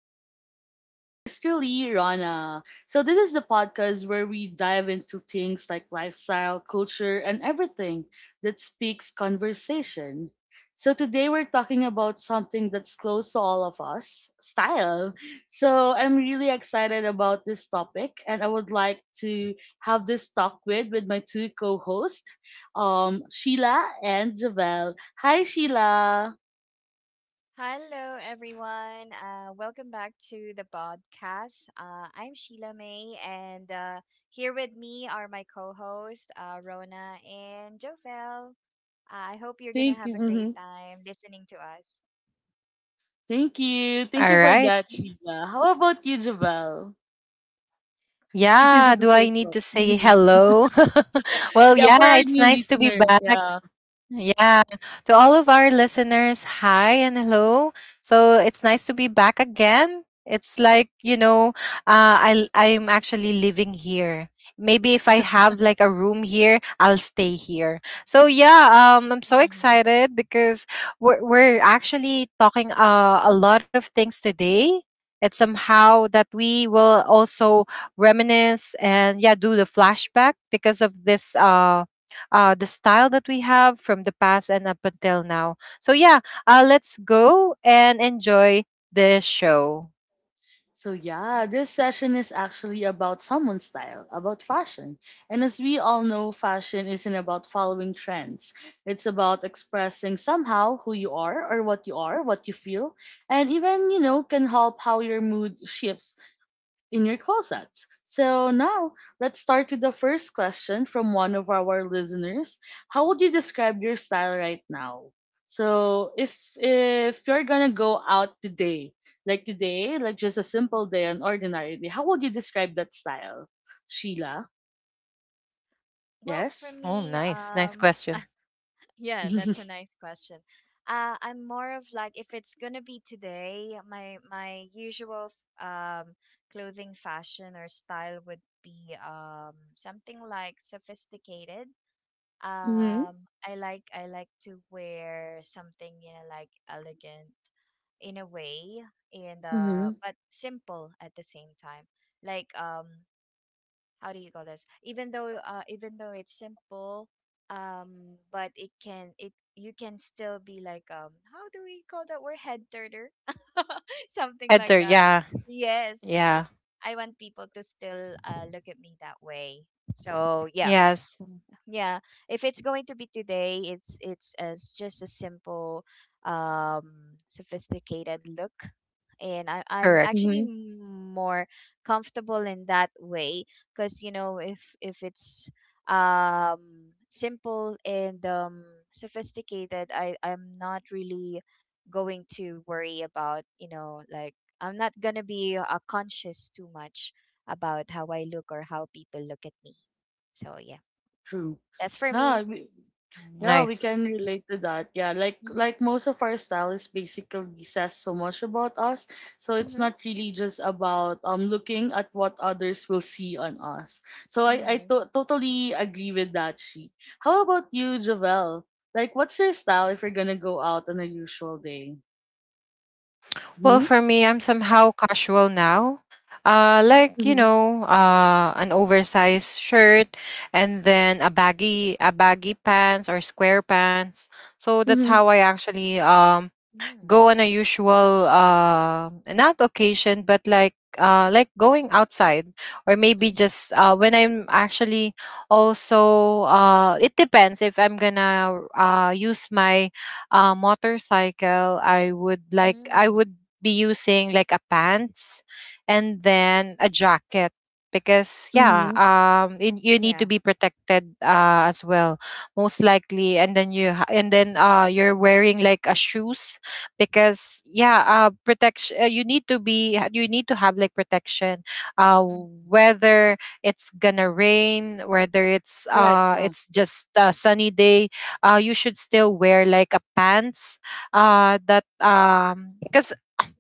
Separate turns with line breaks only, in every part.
Talk with yours truly, Rana. So, this is the podcast where we dive into things like lifestyle, culture, and everything that speaks conversation. So, today we're talking about something that's close to all of us style. So, I'm really excited about this topic, and I would like to have this talk with my two co hosts, Sheila and Javel. Hi, Sheila.
Hello, everyone. Welcome back to the podcast. I'm Sheila May, and here with me are my co hosts, Rona and Jovel. I hope you're going to have a
Thank you.
great time listening to us.
Thank you. Thank you
All
for
right.
Mhm.
that, Sheila. How about you, Javel? Please
Yeah. Do
introduce
I need
yourself.
to say
Mhm.
hello?
Yeah, for
Yeah,
our
it's
new
nice to be
listeners.
back.
Yeah.
Yeah. To all of our listeners, hi and hello. So it's nice to be back again. It's like, you know, I'm actually living here. Maybe if I have like a room here, I'll stay here. So yeah, I'm so excited because we're actually talking a lot of things today. It's somehow that we will also reminisce and yeah, do the flashback because of this the style that we have from the past and up until now. So yeah, let's go and enjoy this show.
So, yeah,
Mhm.
this session is actually about someone's style, about fashion. And as we all know, fashion isn't about following trends, it's about expressing somehow who you are or what you are, what you feel, and even, can help how your mood shifts in your closets. So now let's start with the first question from one of our listeners. How would you describe your style right now? So if you're gonna go out today, like just a simple day, an ordinary day, how would you describe that style, Sheila?
Well, for
Yes.
Oh,
me,
nice. Nice question.
yeah, that's a nice question. I'm more of like if it's gonna be today, my usual f- um clothing fashion or style would be something like sophisticated.
Mm-hmm.
I like to wear something you know like elegant in a way and
Mm-hmm.
but simple at the same time. Like how do you call this even though it's simple but it can it you can still be like how do we call that word head turner something like
Heather,
that,
yeah,
yes
yeah,
yes I want people to still look at me that way, so yeah,
yes,
yeah. If it's going to be today, it's as just a simple sophisticated look, and I, I'm
correct.
actually
Mm-hmm.
m- more comfortable in that way, because you know if it's simple and sophisticated, I'm not really going to worry about I'm not gonna be conscious too much about how I look or how people look at me, so yeah,
True.
that's for
Ah.
me.
Yeah, we
Nice.
can relate to that. Yeah, like
Mhm.
like most of our style is basically says so much about us. So it's
Mhm.
not really just about looking at what others will see on us. So I
Mhm.
totally agree with that. She. How about you, Javel? Like, what's your style if you're gonna go out on a usual day? Hmm.
Well, for me, I'm somehow casual now.
Mhm.
Like
Mm-hmm.
you know, an oversized shirt, and then a baggy pants or square pants. So that's
Mm-hmm.
how I actually
Mhm.
go on a usual not occasion but like going outside or maybe
Mhm.
just when I'm actually also it depends if I'm gonna use my motorcycle i would like i
Mhm.
would be using like a pants and then a jacket because
Mm-hmm.
yeah it, you need to
Yeah.
be protected as well most likely and then and then you're wearing like a shoes because yeah protection you need to have like protection uh
Mm.
whether it's gonna rain whether
Correct. Yeah.
it's just a sunny day you should still wear like a pants that 'cause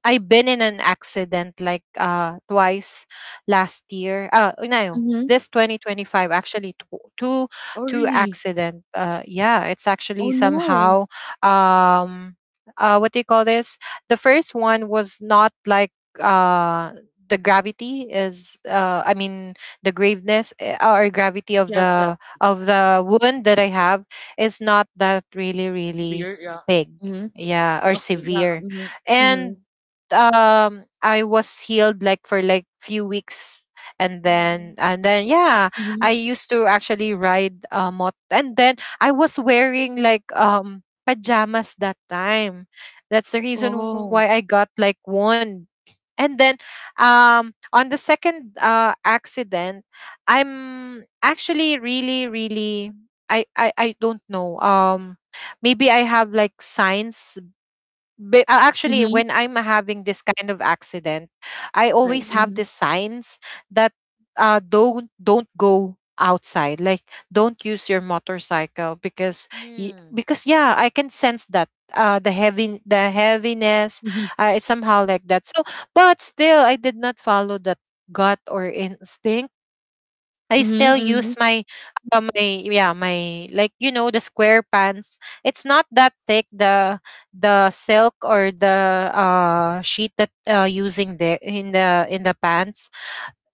I've been in an accident like twice last year. Uh oh, no,
Mm-hmm.
this 2025 actually two
Oh, really?
accident. Yeah, it's
Oh,
actually
no.
somehow um what do you call this? The first one was not like uh the gravity is I mean the graveness eh, or gravity
Yes. Yes.
of the wound that I have is not that really
Severe. Yeah.
big
Mm-hmm.
yeah or
Okay. Yeah.
severe
Mm-hmm. Mm-hmm.
and I was healed like for like few weeks
Mhm.
and then yeah I
Mm-hmm.
used to actually ride mot and then I was wearing like pajamas that time. That's the reason why
Oh.
I got like one. And then on the second accident I'm actually really I don't know maybe I have like signs but actually,
Mhm.
when I'm having this kind of accident, I
Right.
always
Mhm.
have
Mhm.
these signs that don't go outside. Like don't use your motorcycle because
Mm.
because yeah, I can sense that the heaviness.
Mhm.
It's somehow like that. So, but still, I did not follow that gut or instinct I still
Mhm.
use
Mhm.
my my yeah my like you know the square pants. It's not that thick the the silk or the sheet that using there in the pants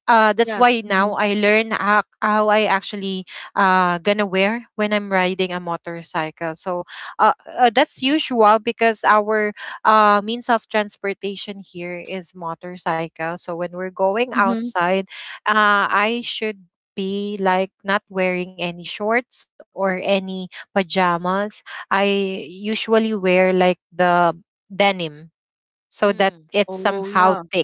that's
Yes.
why now
Mhm.
I learn how I actually gonna wear when I'm riding a motorcycle. So uh, that's usual because our means of transportation here is motorcycle. So when we're going
Mhm.
outside, I should be like not wearing any shorts or any pajamas. I usually wear like the denim so that
Mm.
it's
Oh,
somehow
yeah.
thick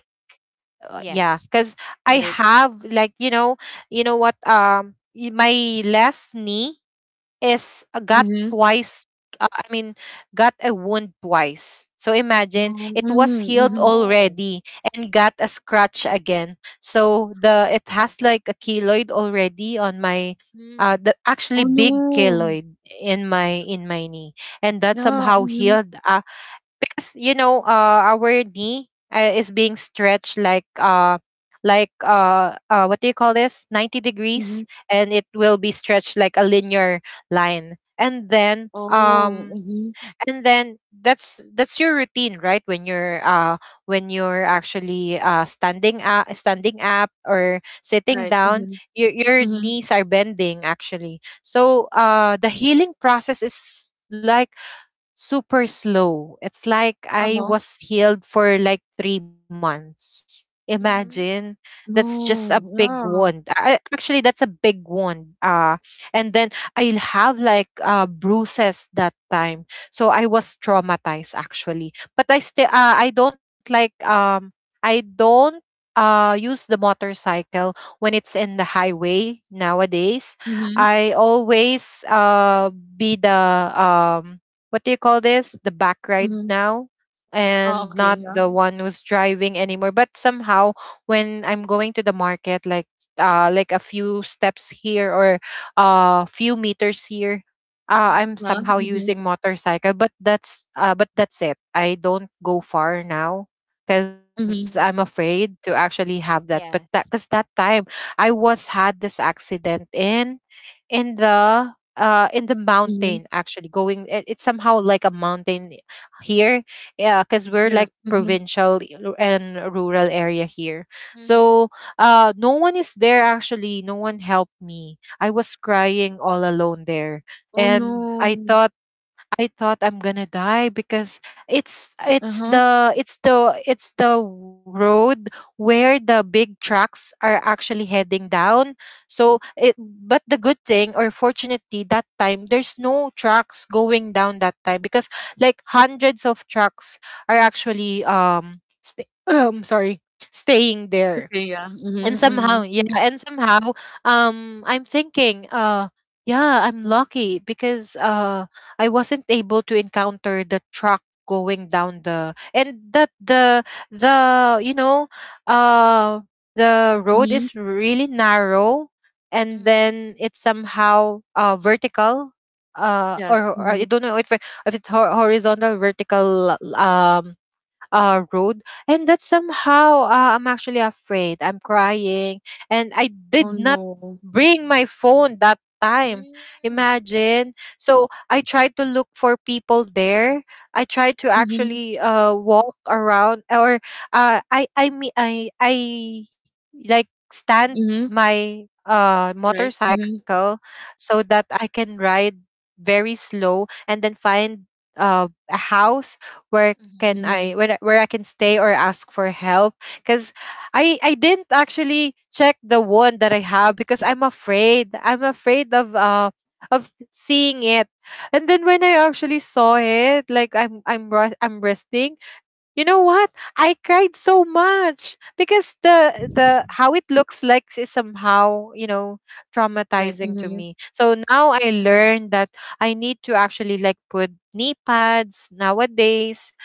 Yes.
yeah because I
Right.
have like you know what my left knee is got
Mhm.
twice I mean got a wound twice so
No.
imagine it was
Mm.
healed
Mhm.
Oh.
already and got a scratch again so the it has like a keloid already on my
Mm.
the actually
Oh,
big
no.
keloid in my knee and that
Yeah.
somehow
Mhm.
healed you know our knee is being stretched like like what do you call this 90
Mhm.
degrees and it will be stretched like a linear line
Oh. Mhm.
and then that's your routine right when you're actually standing up or sitting
Right.
down
Mhm.
your
Mhm.
knees are bending actually so the healing process is like super slow. It's like I
Uh-huh.
was healed for like 3 months. Imagine
Mhm.
that's just a big
No.
wound.
Yeah.
Actually, that's a big wound. And then I'll have like bruises that time. So I was traumatized actually. But I still, I don't like, I don't use the motorcycle when it's in the highway nowadays.
Mhm.
I always be um, what do you call this? The back ride
Mhm.
now
Oh,
and
okay.
not
Yeah.
Mhm.
the one who's driving anymore. But somehow when I'm going to the market like a few steps here or a few meters here,
Mhm.
I'm
Yeah.
somehow
Mhm.
using motorcycle, but that's it. I don't go far now because I'm
Mhm.
Mm.
afraid to actually have that. But that because
Yes.
that time I was had this accident in the
Mhm.
mountain actually going it, it's somehow like a mountain here yeah because we're
Yes.
like
Mhm.
provincial and rural area here
Mhm.
so no one is there actually no one helped me I was crying all alone there
Oh,
and I
no.
thought I thought I'm gonna die because
Uh-huh.
it's the road where the big trucks are actually heading down. So it but the good thing or fortunately that time there's no trucks going down that time because like hundreds of trucks are actually sorry staying
It's
there
okay. Yeah.
and
Mhm.
Mhm.
somehow
Mhm.
yeah and somehow I'm thinking yeah I'm lucky because I wasn't able to encounter the truck going down the and that the you know uh the road
Mhm.
is really narrow and
Mhm.
then it's somehow vertical
Yes.
or I
Mhm.
don't know if it's horizontal vertical road. And that somehow I'm actually afraid. I'm crying. And I
Oh,
did not
no.
bring my phone that time.
Mm.
Imagine. So I tried to look for people there. I tried to
Mm-hmm.
actually walk around or I like stand
Mhm.
my
Right. Mhm.
motorcycle so that I can ride very slow and then find a house where
Mhm.
can I
Mhm.
where I- where I can stay or ask for help because I didn't actually check the one that I have because I'm afraid of seeing it and then when I actually saw it like I'm resting you know what? I cried so much because
Mhm.
the how it looks like is somehow, you know,
Right.
traumatizing to
Mhm.
me. So now I learned that I need to actually like put knee pads nowadays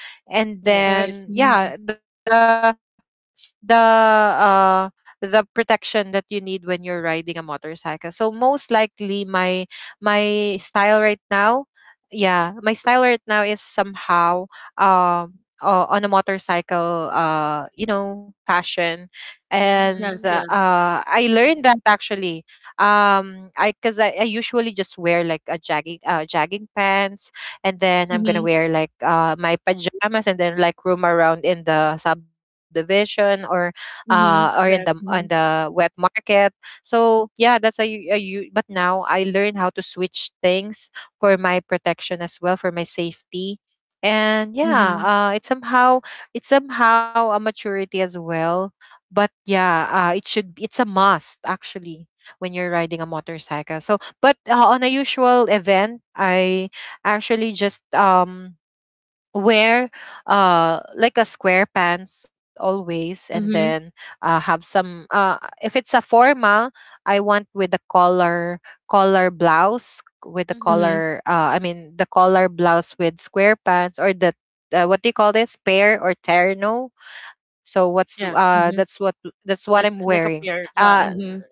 and
Yes.
Right. Mhm.
then yeah, the protection that you need when you're riding a motorcycle. So most likely my style right now, yeah, my style right now is somehow um on a motorcycle you know passion and
Mhm.
Yes. Yes.
I learned that actually I usually just wear like a jagging pants and then
Mhm.
I'm gonna
Mhm.
wear like my pajamas and then like roam around in the subdivision or
Mhm.
Mhm.
in
Correct.
the
Mhm.
wet market so yeah how you but now I learn how to switch things for my protection as well for my safety and yeah
Mhm.
it's somehow a maturity as well but yeah it's a must actually when you're riding a motorcycle so but on a usual event I actually just wear like a square pants always and then
Mhm.
have some if it's a formal I want with the collar blouse with the
Mhm.
Mhm.
collar I mean the collar blouse with square pants or the what do you call this pair or terno so what's
Yes. Mhm.
that's what I'm
Like
wearing
a pair. Yeah.
uh
Mhm.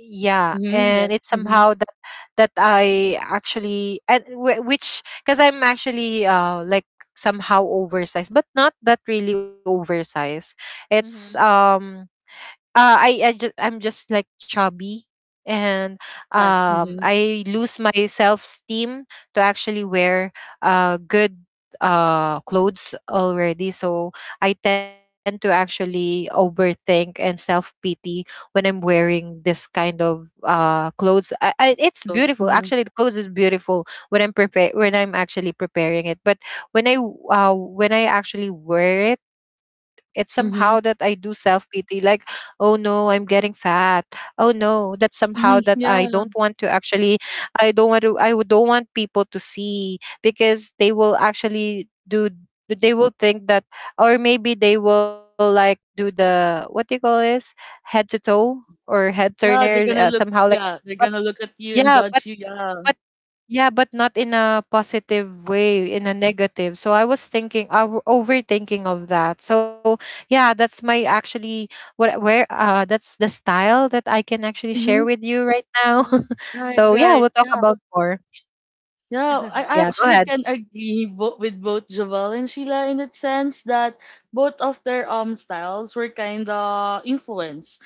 yeah
Mhm.
and
Yes.
it's
Mhm.
somehow that I actually and which because I'm actually like somehow oversized but not that really oversized it's
Mhm.
I just I'm just like chubby and
Yes. Mhm.
I lose my self esteem to actually wear good clothes already so I tend to actually overthink and self pity when I'm wearing this kind of clothes it's
So.
beautiful
Mhm.
actually the clothes is beautiful when I'm actually preparing it but when I actually wear it it's somehow that I
Mhm.
do self pity like oh no I'm getting fat oh no that's somehow
Mhm.
that
Yeah.
I don't want to don't want people to see because they will think that or maybe they will like do the what do you call this head to toe or head
Yeah.
turner
They're gonna look.
somehow like
Yeah. They're
but
gonna look at you and
yeah but
judge you. Yeah.
but yeah, but not in a positive way, in a negative. So I was thinking, overthinking of that. So yeah, that's my actually what where that's the style that I can actually share
Mhm.
with you right now.
Mhm.
Right.
So
Mhm.
Right.
we'll talk
Yeah.
about more.
Yeah,
Mhm.
I
Yeah, go
actually
ahead.
can agree with both Jovel and Sheila in the sense that both of their styles were kind of influenced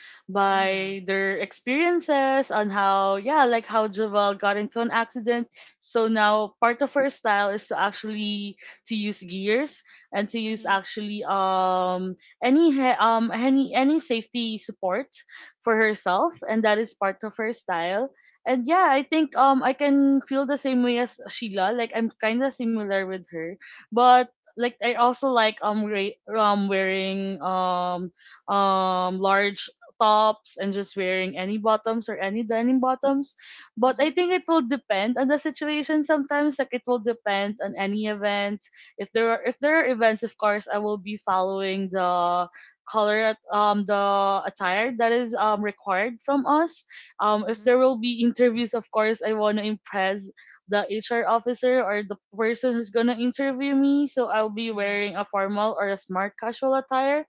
Mhm.
by their experiences on how yeah like how Jovel got into an accident. So now part of her style is to actually to use gears and to use actually any any safety support for herself, and that is part of her style and yeah, I think I can feel the same way as Sheila. Like I'm kind of similar with her, but like I also like wearing large tops and just wearing any bottoms or any denim bottoms. But I
Mhm.
think it will depend on the situation sometimes. Like it will depend on any event. If there are events, of course, I will be following the color the attire that is required from us if
Mhm.
there will be interviews, of course, I want to impress the HR officer or the person who's gonna interview me. So I'll be
Mhm. Mhm.
wearing a formal or a smart casual attire.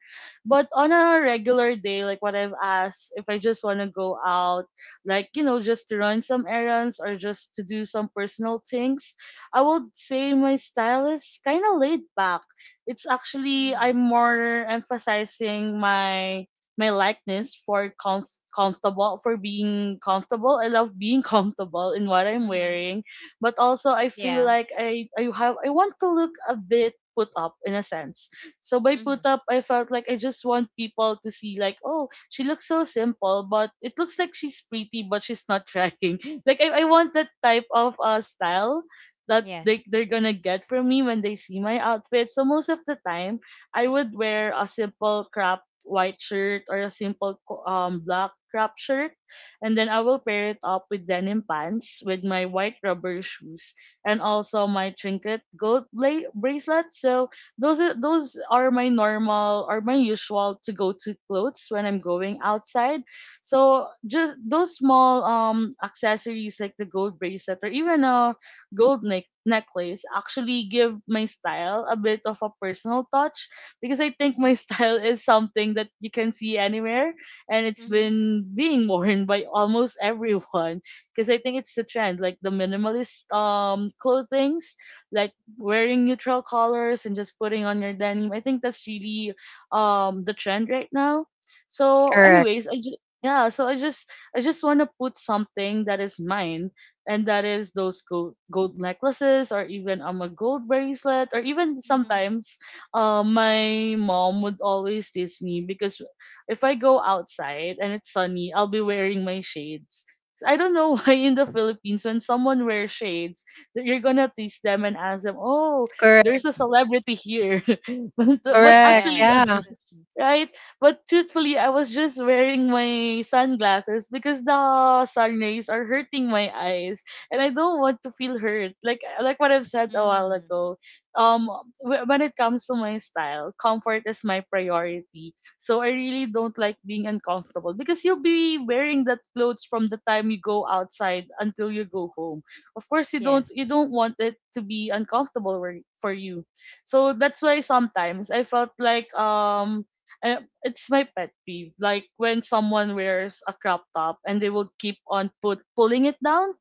But on a regular day, like what I've asked, if I just want to go out, like you know, just to run some errands or just to do some personal things, I would say my style is kind of laid back. It's actually I'm more emphasizing my likeness for comfortable, for being comfortable. I love being comfortable in what I'm
Mm-hmm.
wearing, but also I feel
Yeah.
like I want to look a bit put up in a sense. So by
Mm-hmm.
put up, I felt like I just want people to see like, oh, she looks so simple, but it looks like she's pretty, but she's not trying. Like I want that type of style that they
Yes.
they're gonna get from me when they see my outfit. So most of the time, I would wear a simple crop white shirt or a simple black crop shirt and then I will pair it up with denim pants with my white rubber shoes and also my trinket gold bracelet. So those are my normal or my usual to go to clothes when I'm going outside, so just those small accessories like the gold bracelet or even a gold neck necklace actually give my style a bit of a personal touch because I think my
Mm-hmm.
style is something that you can see anywhere and it's
Mm-hmm.
been being worn by almost everyone because I think it's the trend, like the minimalist clothings like wearing neutral colors and just putting on your denim. I think that's really the trend right now. So
Correct.
anyways, I just yeah, so I just want to put something that is mine, and that is those gold gold necklaces or even a gold bracelet or even
Mm-hmm.
sometimes my mom would always tease me because if I go outside and it's sunny, I'll be wearing my shades. So I don't know why in the Philippines when someone wears shades, that you're gonna tease them and ask them, "Oh, there's a
Correct.
celebrity here," but
Correct.
Yes.
actually,
That's
Yeah.
me.
right? But truthfully, I was just wearing my sunglasses because the sun rays are hurting my eyes, and I don't want to feel hurt. Like what I've said a while
Mm.
ago, um, when it comes to my style, comfort is my priority. So I really don't like being uncomfortable because you'll be wearing that clothes from the time you go outside until you go home. Of course, you don't you
Yes.
don't want it to be uncomfortable where- for you. So that's why sometimes I felt like it's my pet peeve. Like when someone wears a crop top and they will keep on put pulling it down,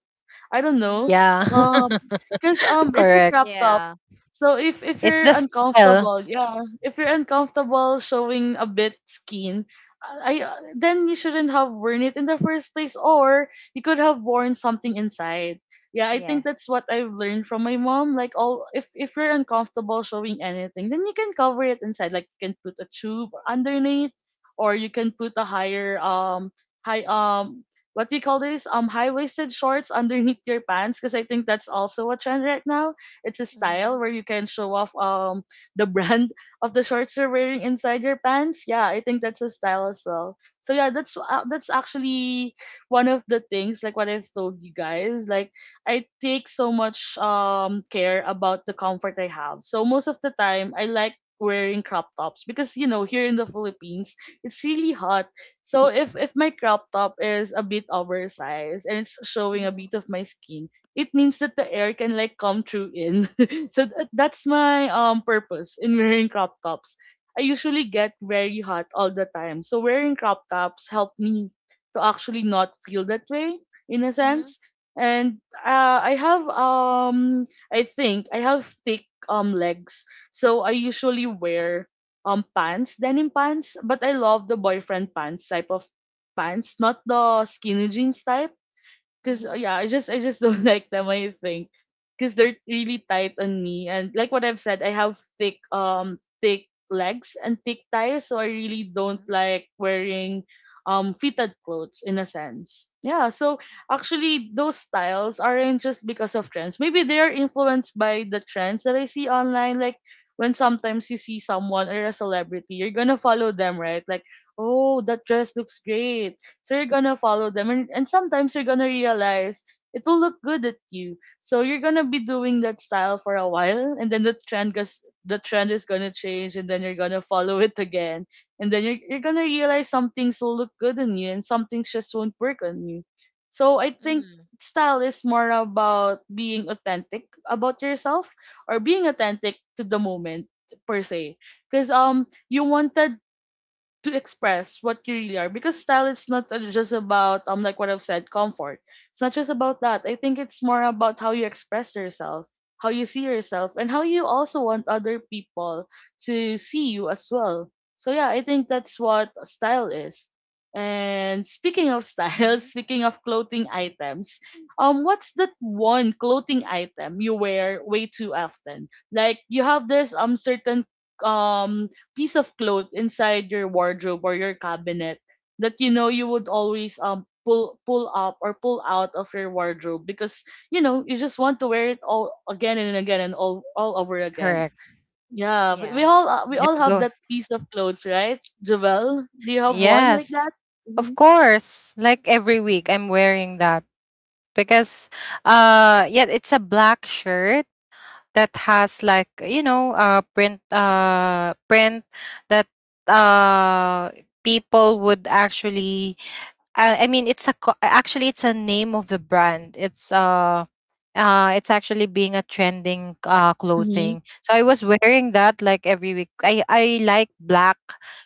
I don't know.
Mm-hmm.
Yeah.
Um, cause um, it's a
Correct.
crop top.
Yeah.
So if
It's
you're
the style.
uncomfortable, yeah, if you're uncomfortable showing a bit skin, then you shouldn't have worn it in the first place, or you could have worn something inside. Yeah, I think that's
Yes.
what I've learned from my mom. Like all, if you're uncomfortable showing anything, then you can cover it inside. Like you can put a tube underneath, or you can put a higher high what do you call this? High waisted shorts underneath your pants because I think that's also a trend right now. It's a style
Mm-hmm.
where you can show off the brand of the shorts you're wearing inside your pants. Yeah, I think that's a style as well. So yeah, that's actually one of the things like what I've told you guys. Like I take so much care about the comfort I have. So most of the time I like wearing crop tops because you know here in the Philippines it's really hot, so if my crop top is a bit oversized and it's showing a
Mm-hmm.
bit of my skin, it means that the air can like come through in. So that, that's my purpose in wearing crop tops. I usually get very hot all the time. So wearing crop tops help me to actually not feel that way in a
Mm-hmm.
sense. And I have I think I have thick legs. So I usually wear pants, denim pants, but I love the boyfriend pants type of pants, not the skinny jeans type. Cause
Mm-hmm.
yeah, I just don't like them. I think because they're really tight on me, and like what I've said, I have thick thick legs and thick thighs, so I really don't
Mm-hmm.
like wearing fitted clothes in a sense. Yeah, so actually those styles aren't just because of trends. Maybe they are influenced by the trends that I see online. Like when sometimes you see someone or a celebrity, you're gonna follow them, right? Like oh that dress looks great, so you're gonna follow them, and sometimes you're gonna realize it will look good at you. So you're gonna be doing that style for a while, and then the trend goes. The trend is gonna change, and then you're gonna follow it again, and then you're gonna realize some things will look good on you, and some things just won't work on you. So I think
Mm-hmm.
style is more about being authentic about yourself or being authentic to the moment per se because you wanted to express what you really are because style is not just about like what I've said comfort. It's not just about that. I think it's more about how you express yourself, how you see yourself, and how you also want other people to see you as well. So yeah, I think that's what style is. And speaking of style,
Mm-hmm.
speaking of clothing items, what's that one clothing item you wear way too often? Like you have this certain um piece of cloth inside your wardrobe or your cabinet that you know you would always pull up or pull out of your wardrobe because you know you just want to wear it all again and again and all over again.
Correct.
Yeah, we, we
Yeah.
all uh, we
Yeah,
all have
go
that piece of clothes, right? Javel, do you have one like
Yeah.
Yes,
that? Mm-hmm.
of course. Like every
Mm-hmm.
week, I'm wearing that because, yeah, it's a black shirt that has print that uh people would actually I mean, it's a actually it's a name of the brand. It's actually being a trending
Mm-hmm.
clothing. So I was wearing that like every week. I like black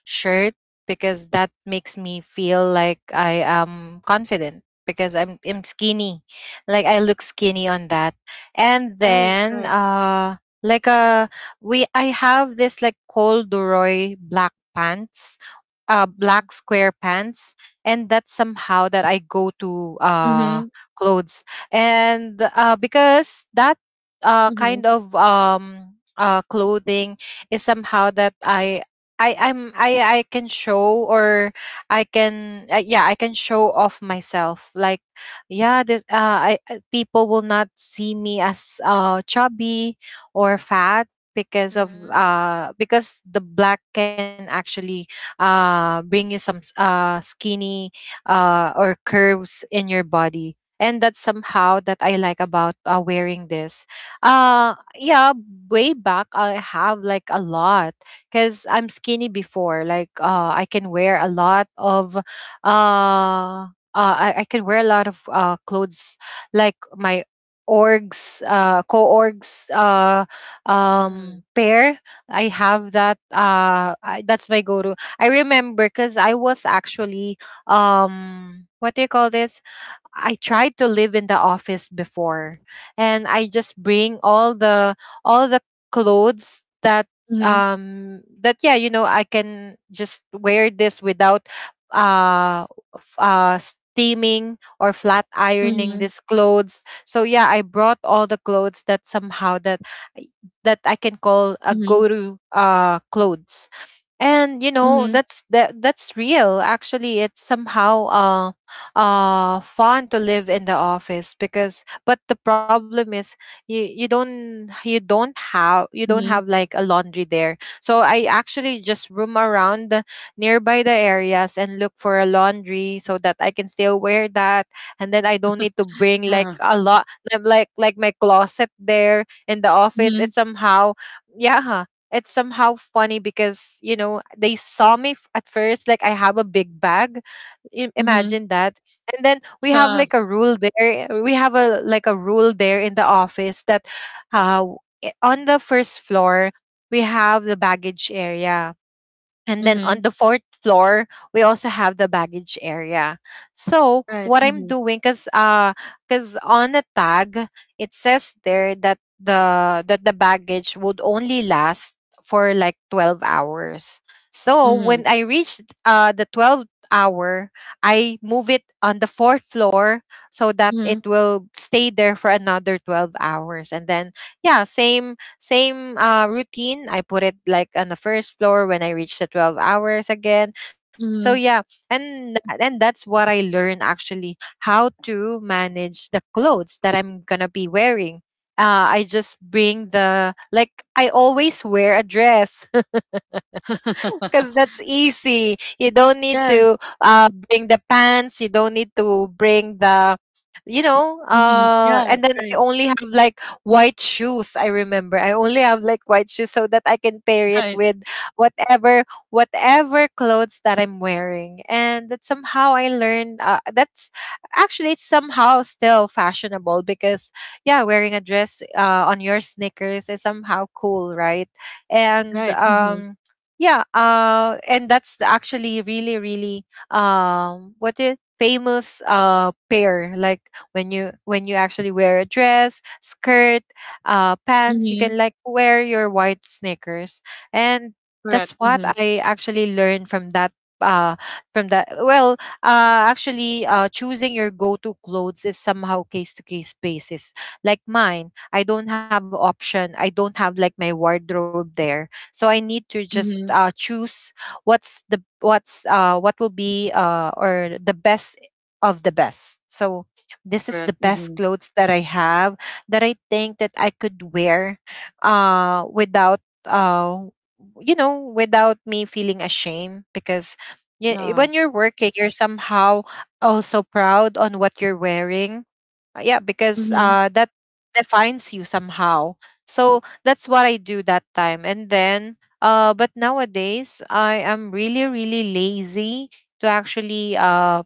shirt because that makes me feel like I am confident because I'm skinny, like I look skinny on that. And
Right, right.
then like we I have this like corduroy black pants,
Mm-hmm.
black square pants, and that's somehow that I go to
Mm-hmm.
clothes. And because that
Mm-hmm.
kind of clothing is somehow that i I can show or I can I can show off myself like yeah this I people will not see me as chubby or fat because of
Mm-hmm.
because the black can actually bring you some skinny or curves in your body. And that's somehow that I like about wearing this. Yeah, way back I have like a lot because I'm skinny before. Like I can wear a lot of uh, I can wear a lot of clothes like my orgs co-orgs
Mm-hmm.
pair. I have that I, That's my go-to. I remember because I was actually what do you call this? I tried to live in the office before, and I just bring all the clothes
Mm-hmm.
that yeah, you know, I can just wear this without uh steaming or flat ironing
Mm-hmm.
these clothes. So yeah, I brought all the clothes that somehow I- that I can call a
Mm-hmm.
go to clothes. And you
Mm-hmm.
know that's real. Actually it's somehow fun to live in the office because but the problem is you don't
Mm-hmm.
have like a laundry there, so I actually just roam around the nearby the areas and look for a laundry so that I can still wear that, and then I don't need to bring like
Yeah.
a lot, like my closet there in the office.
Mm-hmm.
It's somehow yeah, it's somehow funny because you know they saw me at first like I have a big bag. I-
Mm-hmm.
imagine that. And then we have
Yeah.
like a rule there, we have a like a rule there in the office that uh, w- on the first floor we have the baggage area, and then
Mm-hmm.
on the fourth floor, we also have the baggage area. So
Right.
what I'm
Mm-hmm.
doing, cause on the tag it says there that the baggage would only last for like 12 hours. So when I reached the 12th hour, I move it on the fourth floor so that
Mm-hmm.
it will stay there for another 12 hours. And then yeah, same routine. I put it like on the first floor when I reach the 12 hours again. So
Mhm.
yeah, and that's what I learned actually, how to manage the clothes that I'm gonna be wearing. I just bring the like I always wear a dress. Because that's easy. You don't need
Yes.
to bring the pants. You don't need to bring the, you know.
Mhm. Yeah.
And then I
Right.
only have like white shoes. I remember I only have like white shoes so that I can pair it
Right.
with whatever whatever clothes that I'm wearing. And that somehow I learned. That's actually it's somehow still fashionable because yeah, wearing a dress on your sneakers is somehow cool, right? And
Right. Mhm.
yeah, and that's actually really, really what it famous pair. Like when you actually wear a dress, skirt, pants, you
Mhm.
can like wear your white sneakers, and that's
Correct.
what
Mhm.
I actually learned from that. Uh, well, actually, choosing your go-to clothes is somehow case-to-case basis. Like mine, I don't have option. I don't have like my wardrobe there, so I need to just
Mhm.
choose what will be or the best of the best. So this is the
Correct.
best
Mhm.
clothes that I have that I think that I could wear without you know, without me feeling ashamed because
Yeah.
when you're working, you're somehow also proud on what you're wearing. Yeah, because
Mhm.
that defines you somehow, so that's what I do that time. And then, but nowadays, I am really, really lazy to actually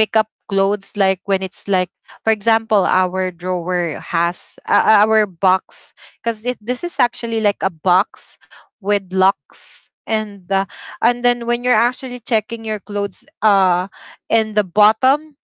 pick up clothes. Like when it's like, for example, our drawer has our box, because this is actually like a box with locks. And then when you're actually checking your clothes in the bottom,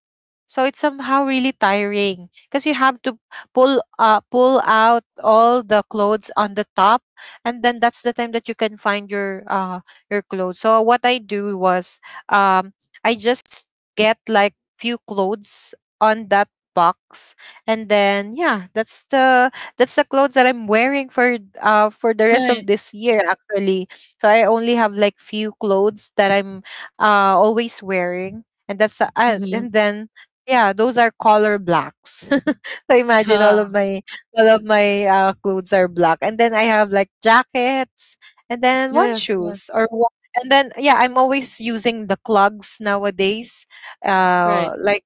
so it's somehow really tiring because you have to pull pull out all the clothes on the top, and then that's the time that you can find your your clothes. So what I do was um I just get like few clothes on that box, and then yeah, that's the clothes that I'm wearing for the rest
Right.
of this year actually. So I only have like few clothes that I'm always wearing, and that's
Mhm.
and then yeah, those are color blacks. So imagine
Yeah.
all of my clothes are black, and then I have like jackets, and then one
Yes. Yes.
shoes or one, and then yeah, I'm always using the clogs nowadays.
Mm-hmm.
Right.
Like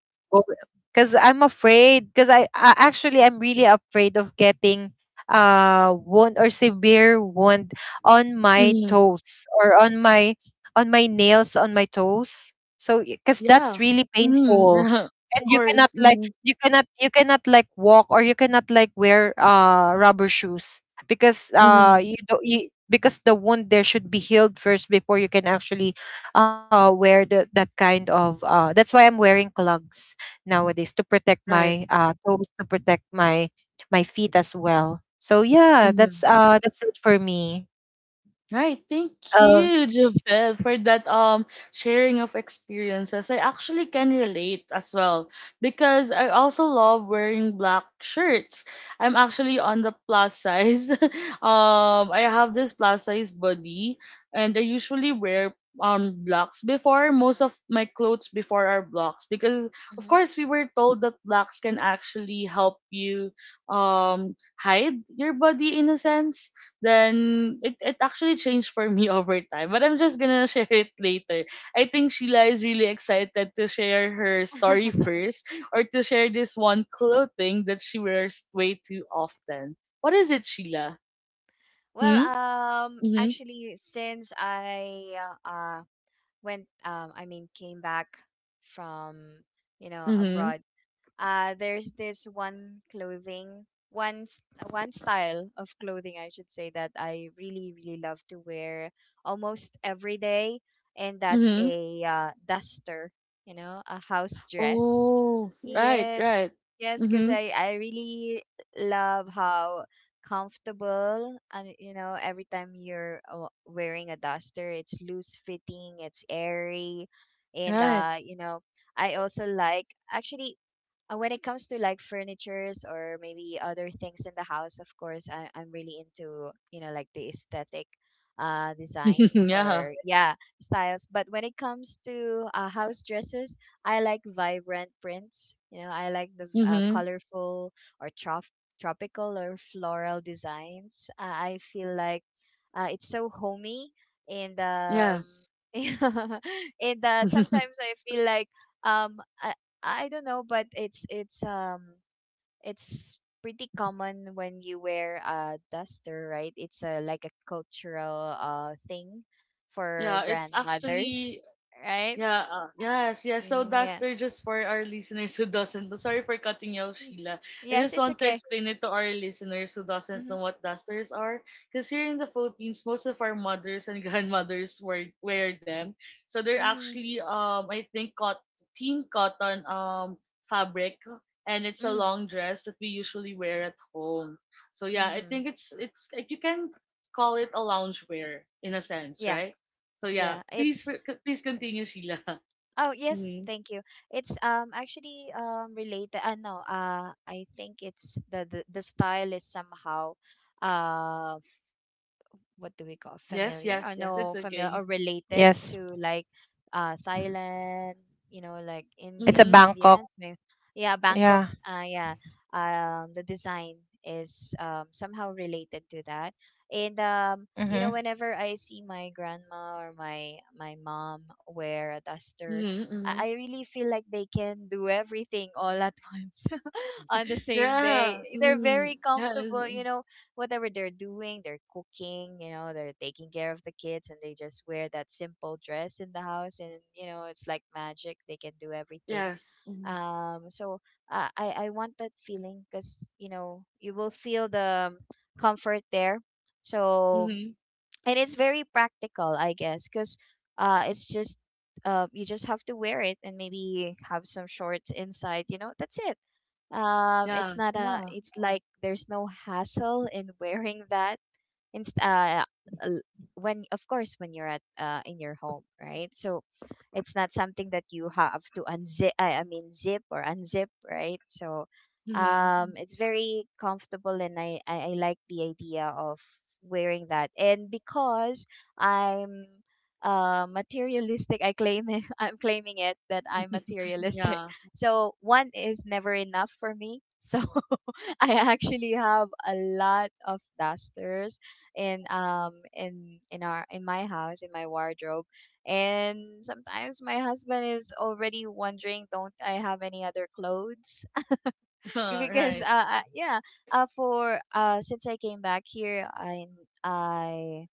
because I'm afraid because I actually I'm really afraid of getting wound or severe wound on my
Mhm.
toes or on my nails on my toes. So because that's
Yeah.
really
Mhm.
painful,
Of
and
course. Mhm.
you cannot like walk or you cannot like wear rubber shoes because
Mhm.
you don't you, because the wound there should be healed first before you can actually wear the, that kind of uh, that's why I'm wearing clogs nowadays to protect
Right.
my toes, to protect my my feet as well. So yeah,
Mhm.
that's it for me.
Right, thank
Oh
you, Javel, for that sharing of experiences. I actually can relate as well because I also love wearing black shirts. I'm actually on the plus size. I have this plus size body, and I usually wear blacks before. Most of my clothes before are blacks because, of
Mm-hmm.
course, we were told that blacks can actually help you hide your body in a sense then it actually changed for me over time. But I'm just gonna share it later. I think Sheila is really excited to share her story first or to share this one clothing that she wears way too often. What is it, Sheila?
Well,
Hmm? Mm-hmm.
actually, since I uh went, I mean, came back from, you know,
Mm-hmm.
abroad, there's this one clothing, one s- one style of clothing I should say that I really really love to wear almost every day, and that's
Mm-hmm.
a duster, you know, a house dress.
Oh, right,
Yes,
right.
yes, cuz
Mm-hmm.
I really love how comfortable, and you know every time you're wearing a duster, it's loose fitting, it's airy. And
Right.
you know, I also like actually when it comes to like furnitures or maybe other things in the house. Of course, I'm really into, you know, like the aesthetic designs
Yeah.
or yeah, styles. But when it comes to house dresses, I like vibrant prints. You know, I like the
Mm-hmm.
colorful or tropical or floral designs. I feel like it's so homey, and
Yes.
and sometimes I feel like um I, I don't know, but it's pretty common when you wear a duster, right? It's a like a cultural thing for
Yeah, it's
grandmothers,
actually
right?
yeah, yes, yes. So
Yeah.
duster, just for our listeners who doesn't know, sorry for cutting you off, Sheila. I
Yes,
just
it's
want to
okay.
explain it to our listeners who doesn't
Mhm.
know what dusters are. Because here in the Philippines, most of our mothers and grandmothers wear them. So they're
Mhm.
actually, I think, teen cotton fabric, and it's a
Mhm.
long dress that we usually wear at home. So yeah, I
Mhm.
think it's like you can call it a loungewear in a sense,
Yeah.
right? So yeah,
Yeah.
please
It's
please continue, Sheila.
Oh, yes,
Hmm.
thank you. It's actually related. No, I think it's the style is somehow um what do we call
Yes,
familiar or
yes, yes.
no,
It's
familiar
okay.
or related
yes,
to like Thailand, you know, like
it's
India,
a
Mm-hmm.
Bangkok.
Indians maybe, yeah, Bangkok,
Yeah.
yeah. The design is somehow related to that. And you know,
Mm-hmm.
whenever I see my grandma or my mom wear a duster,
Mm-hmm.
I
Hmm.
I really feel like they can do everything all at once on the same day.
Yeah.
They're
Mm-hmm.
very
Yes.
comfortable, you know, whatever they're doing, they're cooking, you know, they're taking care of the kids, and they just wear that simple dress in the house, and you know, it's like magic. They can do everything.
Yes. Mm-hmm.
Um so I want that feeling, cuz you know, you will feel the comfort there. So
Mm-hmm.
and it's very practical, I guess, cuz it's just you just have to wear it, and maybe have some shorts inside, you know, that's it. It's
Yeah.
not a,
Yeah.
it's like there's no hassle in wearing that, inst- uh, l- when of course when you're at in your home, right? So it's not something that you have to unzip I mean zip or unzip, right? So
Mm-hmm.
it's very comfortable, and I like the idea of wearing that. And because I'm materialistic, I claim it, I'm claiming it that I'm materialistic.
Yeah.
So one is never enough for me, so I actually have a lot of dusters in my house, in my wardrobe, and sometimes my husband is already wondering, don't I have any other clothes? Because
Right.
yeah, for since I came back here, I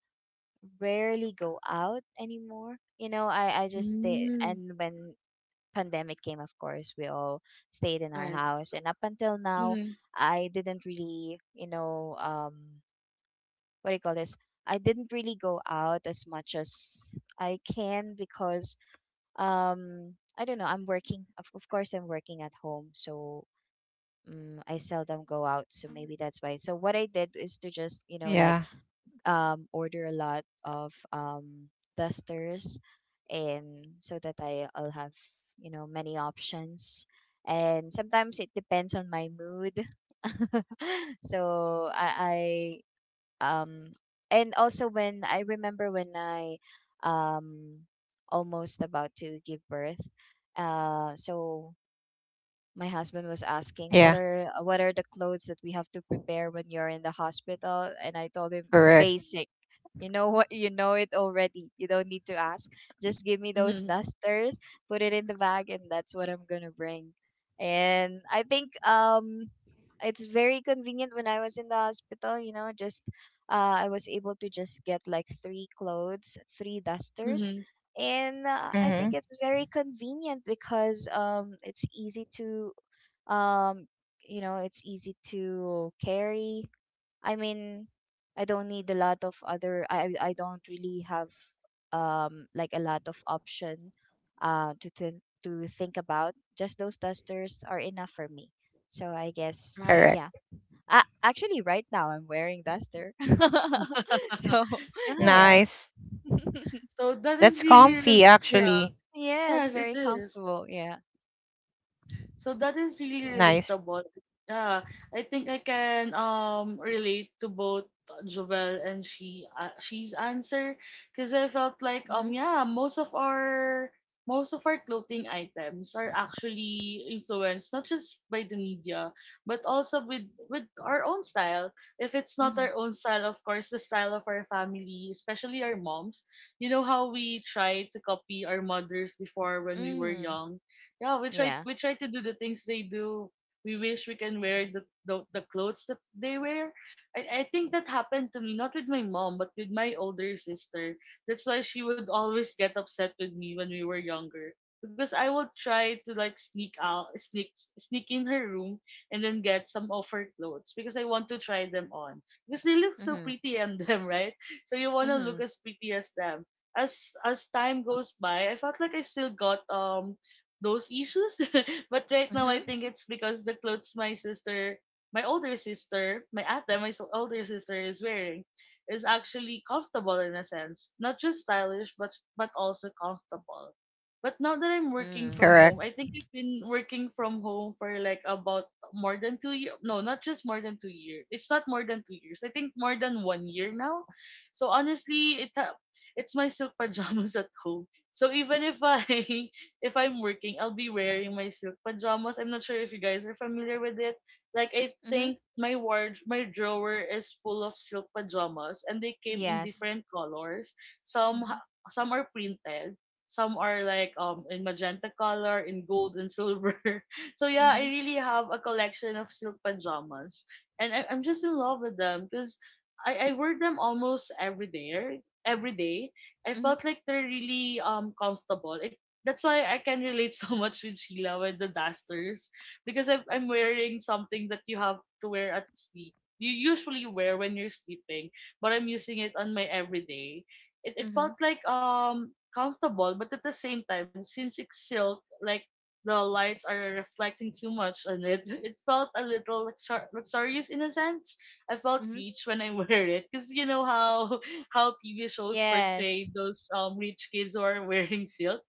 rarely go out anymore, you know, I just stay.
Mm-hmm.
And when pandemic came, of course we all stayed in our
Right.
house, and up until now
Mm-hmm.
I didn't really, you know, what do you call this? I didn't really go out as much as I can because I don't know, I'm working. Of course I'm working at home, so I seldom go out, so maybe that's why. So what I did is to just, you know, like
Yeah.
order a lot of dusters, and so that I'll have, you know, many options. And sometimes it depends on my mood. so I um and also when I remember when I um almost about to give birth, so my husband was asking
Yeah.
what are the clothes that we have to prepare when you're in the hospital, and I told him,
Correct.
basic, you know what, you know it already, you don't need to ask, just give me those
Mm-hmm.
dusters, put it in the bag, and that's what I'm gonna bring. And I think it's very convenient. When I was in the hospital, you know, just I was able to just get like three clothes, three dusters.
Mm-hmm.
And I think
Mm-hmm.
it's very convenient because it's easy to, um, you know, it's easy to carry. I mean, I don't need a lot of other. I don't really have like a lot of option uh to to to think about. Just those dusters are enough for me. So I guess
All
Right.
right.
yeah. Actually, right now I'm wearing duster. So yeah.
Yeah.
Nice.
So that
That's
is really,
comfy,
really yeah.
actually.
Yeah, it's
Yes,
very
it is.
comfortable. Yeah.
So that is really
Nice.
relatable. Yeah, I think I can relate to both Jovel and she's answer because I felt like
Mhm.
yeah, most of our clothing items are actually influenced not just by the media but also with our own style. If it's not
Mhm.
our own style, of course, the style of our family, especially our moms. You know how we try to copy our mothers before when we were
Mm.
young. Yeah, we try
Yeah.
we try to do the things they do. We wish we can wear the clothes that they wear. I think that happened to me not with my mom but with my older sister. That's why she would always get upset with me when we were younger, because I would try to like sneak out sneak sneak in her room and then get some of her clothes because I want to try them on because they look so
Mhm.
pretty on them, right? So you want to look
Mhm.
as pretty as them. As time goes by, I felt like I still got those issues. But right now, I
Mhm.
think it's because the clothes my sister, my older sister, my ate, older sister is wearing, is actually comfortable in a sense. Not just stylish, but also comfortable. But now that I'm working
Mm.
from home,
Correct.
I think I've been working from home for like about more than 2 years. No, not just more than 2 years. It's not more than 2 years. I think more than one year now. So honestly, it's my silk pajamas at home. So even if I if I'm working, I'll be wearing my silk pajamas. I'm not sure if you guys are familiar with it. Like I
Mhm.
think my drawer is full of silk pajamas, and they came in
Yes.
different colors. Some
Mhm.
ha- some are printed, some are like in magenta color, in gold and silver. So yeah, I
Mhm.
really have a collection of silk pajamas, and I'm just in love with them because I wear them almost every day. Every day, I
Mhm.
felt like they're really comfortable. I that's why I can relate so much with Sheila with the dusters, because I'm wearing something that you have to wear at sleep. You usually wear when you're sleeping, but I'm using it on my everyday. It felt
Mhm.
like comfortable, but at the same time, since it's silk, like the lights are reflecting too much on it, it felt a little luxurious in a sense. I felt
Mm-hmm.
rich when I wear it because you know how how TV shows portray
Yes.
those rich kids who are wearing silk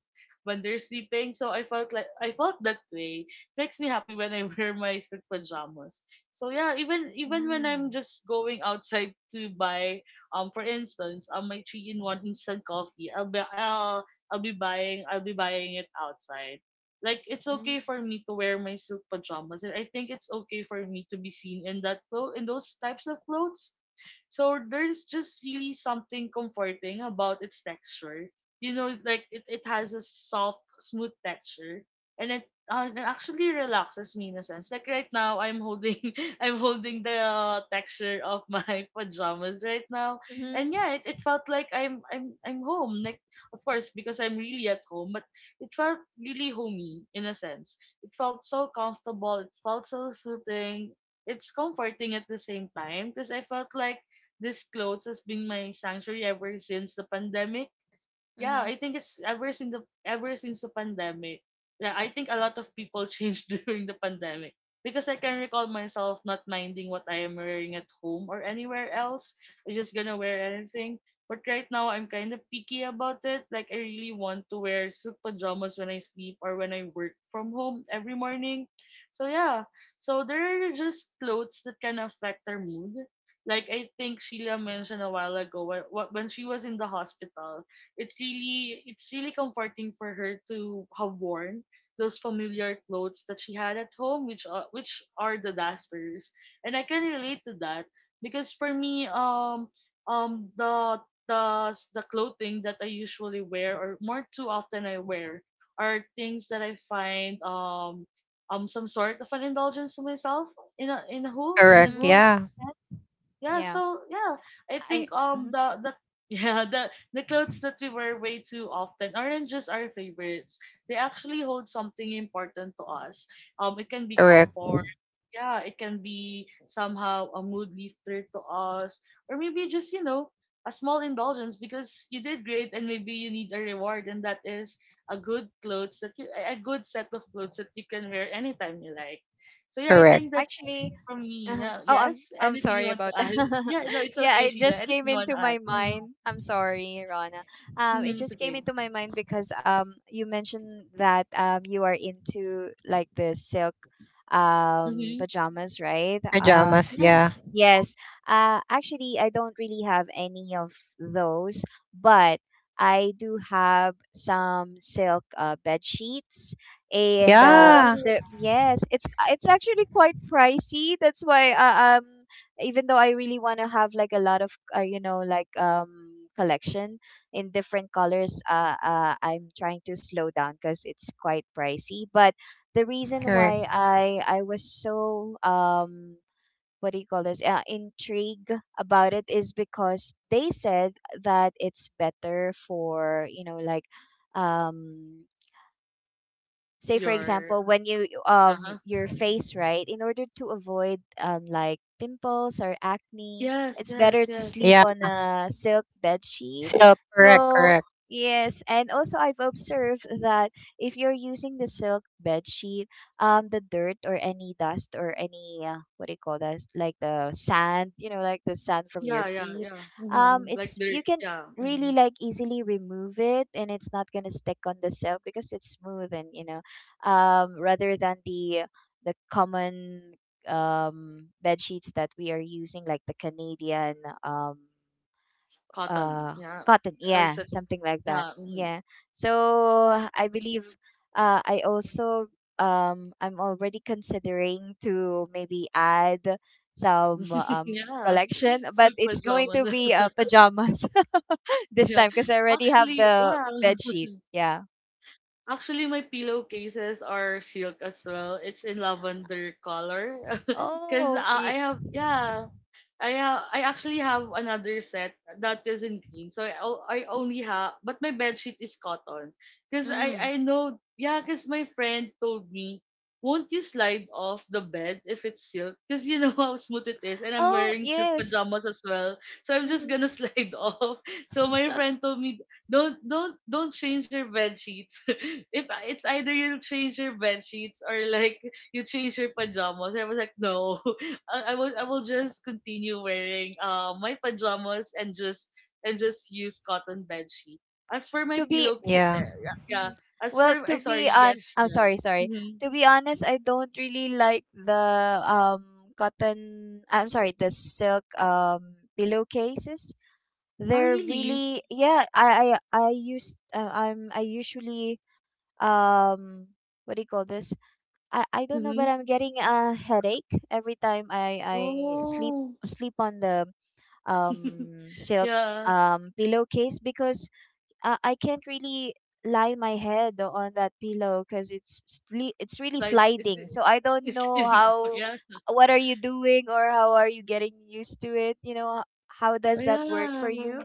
when they're sleeping. So I felt like I felt that way. Makes me happy when I wear my silk pajamas. So yeah, even when I'm
Mm.
just going outside to buy for instance my 3-in-1 instant coffee, I'll be buying it outside. Like it's
Mm.
okay for me to wear my silk pajamas, and I think it's okay for me to be seen in in those types of clothes. So there's just really something comforting about its texture. Like it has a soft, smooth texture, and it actually relaxes me in a sense. Like right now, I'm holding I'm holding the texture of my pajamas right now, and
Mm-hmm.
yeah, it felt like I'm home. Like of course because I'm really at home, but it felt really homey in a sense. It felt so comfortable. It felt so soothing. It's comforting at the same time because I felt like this clothes has been my sanctuary ever since the pandemic. Yeah,
Mm-hmm.
I think it's ever since the pandemic. Yeah, I think a lot of people changed during the pandemic because I can recall myself not minding what I am wearing at home or anywhere else. I'm just gonna wear anything. But right now, I'm kind of picky about it. Like I really want to wear suit pajamas when I sleep or when I work from home every morning. So yeah, so there are just clothes that can affect our mood. Like I think Sheila mentioned a while ago, when she was in the hospital, it's really comforting for her to have worn those familiar clothes that she had at home, which are the dusters, and I can relate to that because for me, um the the clothing that I usually wear or more too often I wear are things that I find some sort of an indulgence to myself, in
Mm-hmm.
a
Correct.
whole.
Yeah.
Yeah,
Yeah.
so yeah, I
I
think
mhm.
the yeah, the clothes that we wear way too often aren't just our favorites. They actually hold something important to us. It can be
Correct.
comfort. Yeah, it can be somehow a mood lifter to us, or maybe just a small indulgence because you did great and maybe you need a reward, and that is a good clothes that you a good set of clothes that you can wear anytime you like. So yeah, I think
Correct.
that's
actually
from me.
uh
Yeah,
oh
yes.
I'm
Anything you
sorry
want to
about
add?
that.
Yeah, no, it's
Yeah,
okay,
it
Sheila.
just
Anything
came
you want
into
to add?
my
Mm-hmm.
mind. I'm sorry, Rana. It
Mm-hmm, it's
just came
okay.
into my mind because you mentioned that you are into like the silk
Mm-hmm.
pajamas, right? Um,
Pajamas.
Yes.
Yeah.
yes. Actually, I don't really have any of those, but I do have some silk bed sheets, and
Yeah.
Oh,
the yes, it's actually quite pricey. That's why even though I really want to have like a lot of you know like collection in different colors, I'm trying to slow down because it's quite pricey. But the reason
Correct.
why I was so what do you call this, intrigue about it is because they said that it's better for, you know, like um say for
your
example when you
uh-huh.
your face, right, in order to avoid like pimples or acne,
Yes,
it's better
yes,
to
yes.
sleep
Yeah.
on a silk bed sheet.
So correct.
So
Correct.
yes, and also I've observed that if you're using the silk bed sheet, the dirt or any dust or any what do you call that, like the sand, you know, like the sand from
Yeah,
your
yeah,
feet,
yeah. Mm-hmm. Like
it's
dirt.
you can
Yeah. Mm-hmm.
really like easily remove it, and it's not gonna stick on the silk because it's smooth, and you know, rather than the common bed sheets that we are using, like the Canadian um,
Cotton.
uh,
Yeah.
cotton.
Or
Yeah,
set.
something like that.
Yeah. Mm-hmm.
Yeah. So I believe I also I'm already considering to maybe add some
Yeah.
collection, but
Silk
it's going to
pajamas.
be pajamas this
Yeah.
time, because I already have
Actually,
the
yeah.
bed sheet. Yeah.
Actually, my pillowcases are silk as well. It's in lavender color. Because
Oh. Y-
I have, yeah, I actually have another set that isn't green. So I only have, but my bedsheet is cotton. Cause I
mm.
I know, yeah. Cause my friend told me, won't you slide off the bed if it's silk? Cause you know how smooth it is, and I'm
Oh,
wearing silk
yes.
pajamas as well. So I'm just gonna
Mm-hmm.
slide off. So my friend told me, don't change your bed sheets. If it's either you'll change your bed sheets or like you change your pajamas. I was like, no, I will just continue wearing my pajamas and just use cotton bed sheet. As for my
To be to,
pillowcase, eh,
Yeah.
yeah, yeah.
mhm.
As
Well,
for I
to be
Sorry, yes,
on I'm
Sheila.
sorry, sorry.
Mm-hmm.
To be honest, I don't really like the silk pillowcases.
Oh,
They're
really?
really yeah, I used I'm I usually um what do you call this? I don't know, but
Mm-hmm.
I'm getting a headache every time I sleep
Oh,
sleep on the silk
yeah.
pillowcase, because I can't really lie my head on that pillow because it's
It's
really
like it's
sliding. So I don't
it's
know
leading out.
how,
Yeah,
what are you doing, or how are you getting used to it? You know, how does that work
yeah.
for you?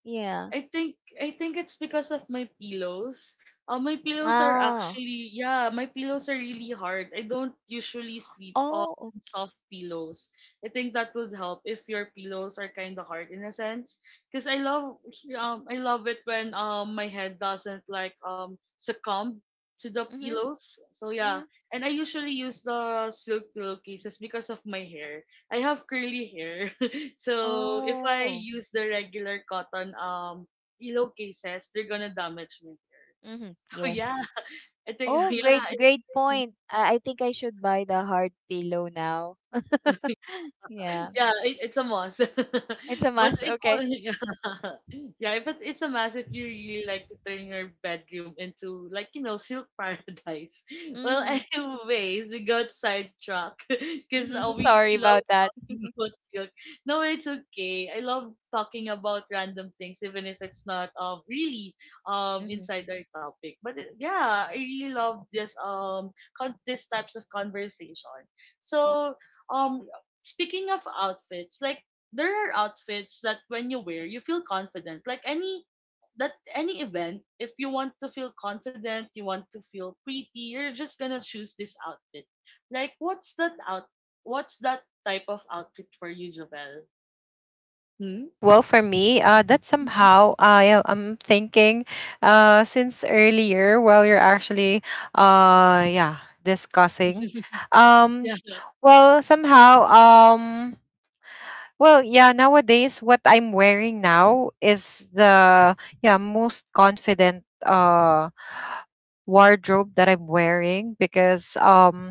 Yeah.
I think it's because of my pillows. My pillows are
Ah.
actually yeah, my pillows are really hard. I don't usually sleep on
Oh.
soft pillows. I think that would help if your pillows are kind of hard in a sense. Because I love it when my head doesn't like succumb to the
Mhm.
pillows. So
Mhm.
yeah, and I usually use the silk pillowcases because of my hair. I have curly hair. So if I
Oh.
use the regular cotton pillow cases, they're gonna damage my hair.
Mhm.
So yeah,
Yes.
I think,
Oh,
yeah.
great, great point. I think I should buy the hard pillow now. Yeah.
Yeah, it, it's a must.
It's a
But
must.
if all
Okay.
yeah. Yeah, if it's a must if you really like to turn your bedroom into, like, you know, silk paradise. Well,
Mhm.
anyways, we got sidetracked because uh,
Mhm.
we
Sorry
we love
about that.
talking about silk. No, it's okay. I love talking about random things even if it's not really inside our topic. But it, yeah, I really love this this types of conversation. So, um speaking of outfits, like there are outfits that when you wear, you feel confident. Like any that any event, if you want to feel confident, you want to feel pretty, you're just gonna choose this outfit. Like what's that type of outfit for you, Jovel? Hmm?
Well, for me, that
Mhm.
somehow I am thinking, since earlier while you're actually, yeah, discussing, um,
Yeah.
well, somehow, well, yeah, nowadays what I'm wearing now is the yeah, most confident wardrobe that I'm wearing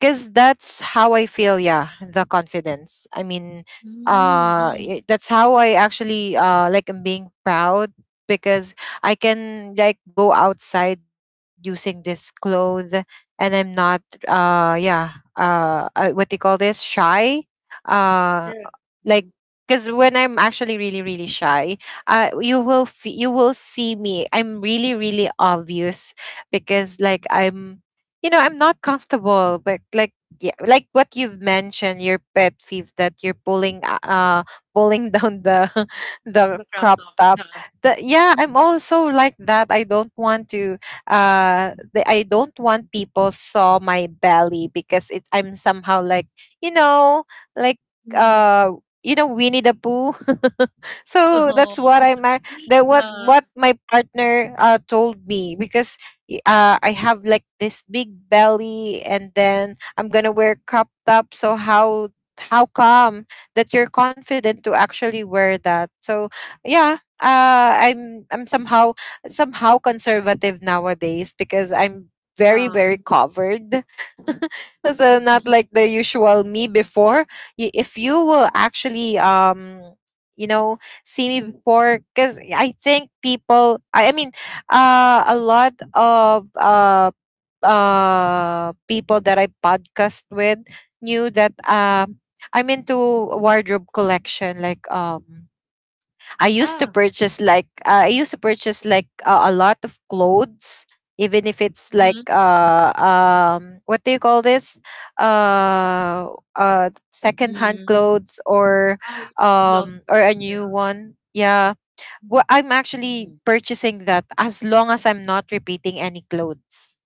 because that's how I feel, yeah, the confidence. I mean,
Mm-hmm.
that's how I actually like am being proud because I can like go outside using this clothes, and I'm not yeah, what do you call this? Shy. Uh
Yeah.
like
Mhm.
because when I'm actually really really shy, you will you will see me I'm really really obvious because like I'm you know I'm not comfortable. But like yeah, like what you've mentioned, your pet peeve that you're pulling pulling down the the
The crop
crop
top.
top,
Yeah.
the, yeah I'm also like that. I don't want to I don't want people saw my belly because it I'm somehow like you know, like
Mm-hmm.
uh you know, Winnie the Pooh. So that's what I my,
yeah.
that
Yeah.
what my partner told me because I have like this big belly, and then I'm gonna wear crop top. So how come that you're confident to actually wear that? So yeah, I'm somehow somehow conservative nowadays because I'm very
Mhm.
very covered. So not like the usual me before, if you will actually um, you know, see me before because I mean a lot of people that I podcast with knew that I'm into wardrobe collection. Like
yeah.
I used to purchase like a lot of clothes, even if it's like what do you call this uh second hand
Mm-hmm.
clothes
I really love those,
or a new
yeah.
one. Yeah, well,
Mhm.
I'm actually
Mm-hmm.
purchasing that as long as I'm not repeating any clothes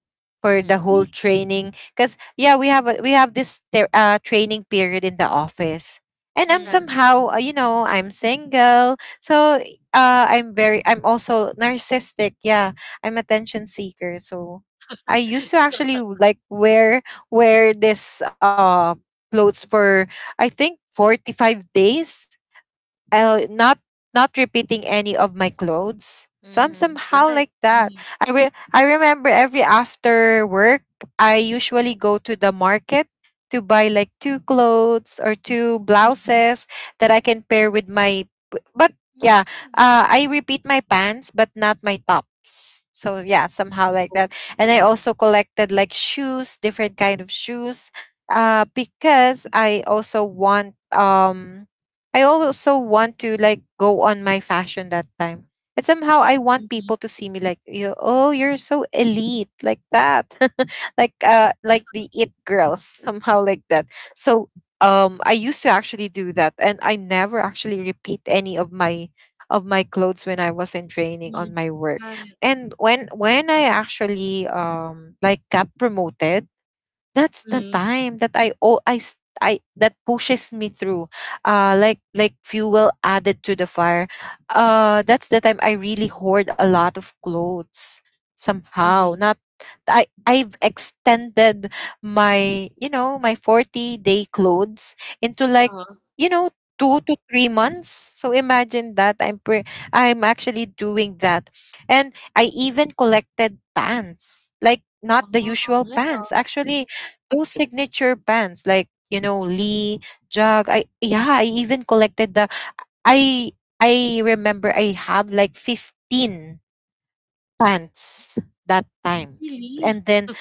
for the
Mhm.
whole
Really,
training. Because yeah, we have this training period in the office, and I'm
Mm.
yes. Mhm.
somehow you know, I'm single, so I'm also narcissistic. Yeah, I'm attention seeker, so I used to actually like wear this clothes for I think 45 days. I not Not repeating any of my clothes. So I'm
Mhm.
somehow like
Right.
that.
Mhm.
I I remember every after work, I usually go to the market to buy like two clothes or two
Mhm.
blouses that I can pair with my. P- But Yeah,
Mm.
I repeat my pants, but not my tops. So yeah, somehow
Oh,
like that. And I also collected like shoes, different kind of shoes, because I also want to like go on my fashion that time. And somehow I want
mhm.
people to see me like you, oh you're so elite, like that. Like like the it girls, somehow like that. So I used to actually do that and I never actually repeat any of my clothes when I was in training
Mhm.
on my work.
Right.
And when I actually like got promoted, that's the
Mhm.
time that I, oh I, that pushes me through, like fuel added to the fire. That's the time I really hoard a lot of clothes somehow.
Mhm.
Not I've extended my, you know, my 40 day clothes into like,
Uh-huh.
you know, 2 to 3 months. So imagine that I'm actually doing that, and I even collected pants, like
Oh,
not the
yeah.
usual pants, actually those signature bands, like, you know, Lee Jug I yeah, I even collected the I I remember I have like 15 pants that time,
Really?
and then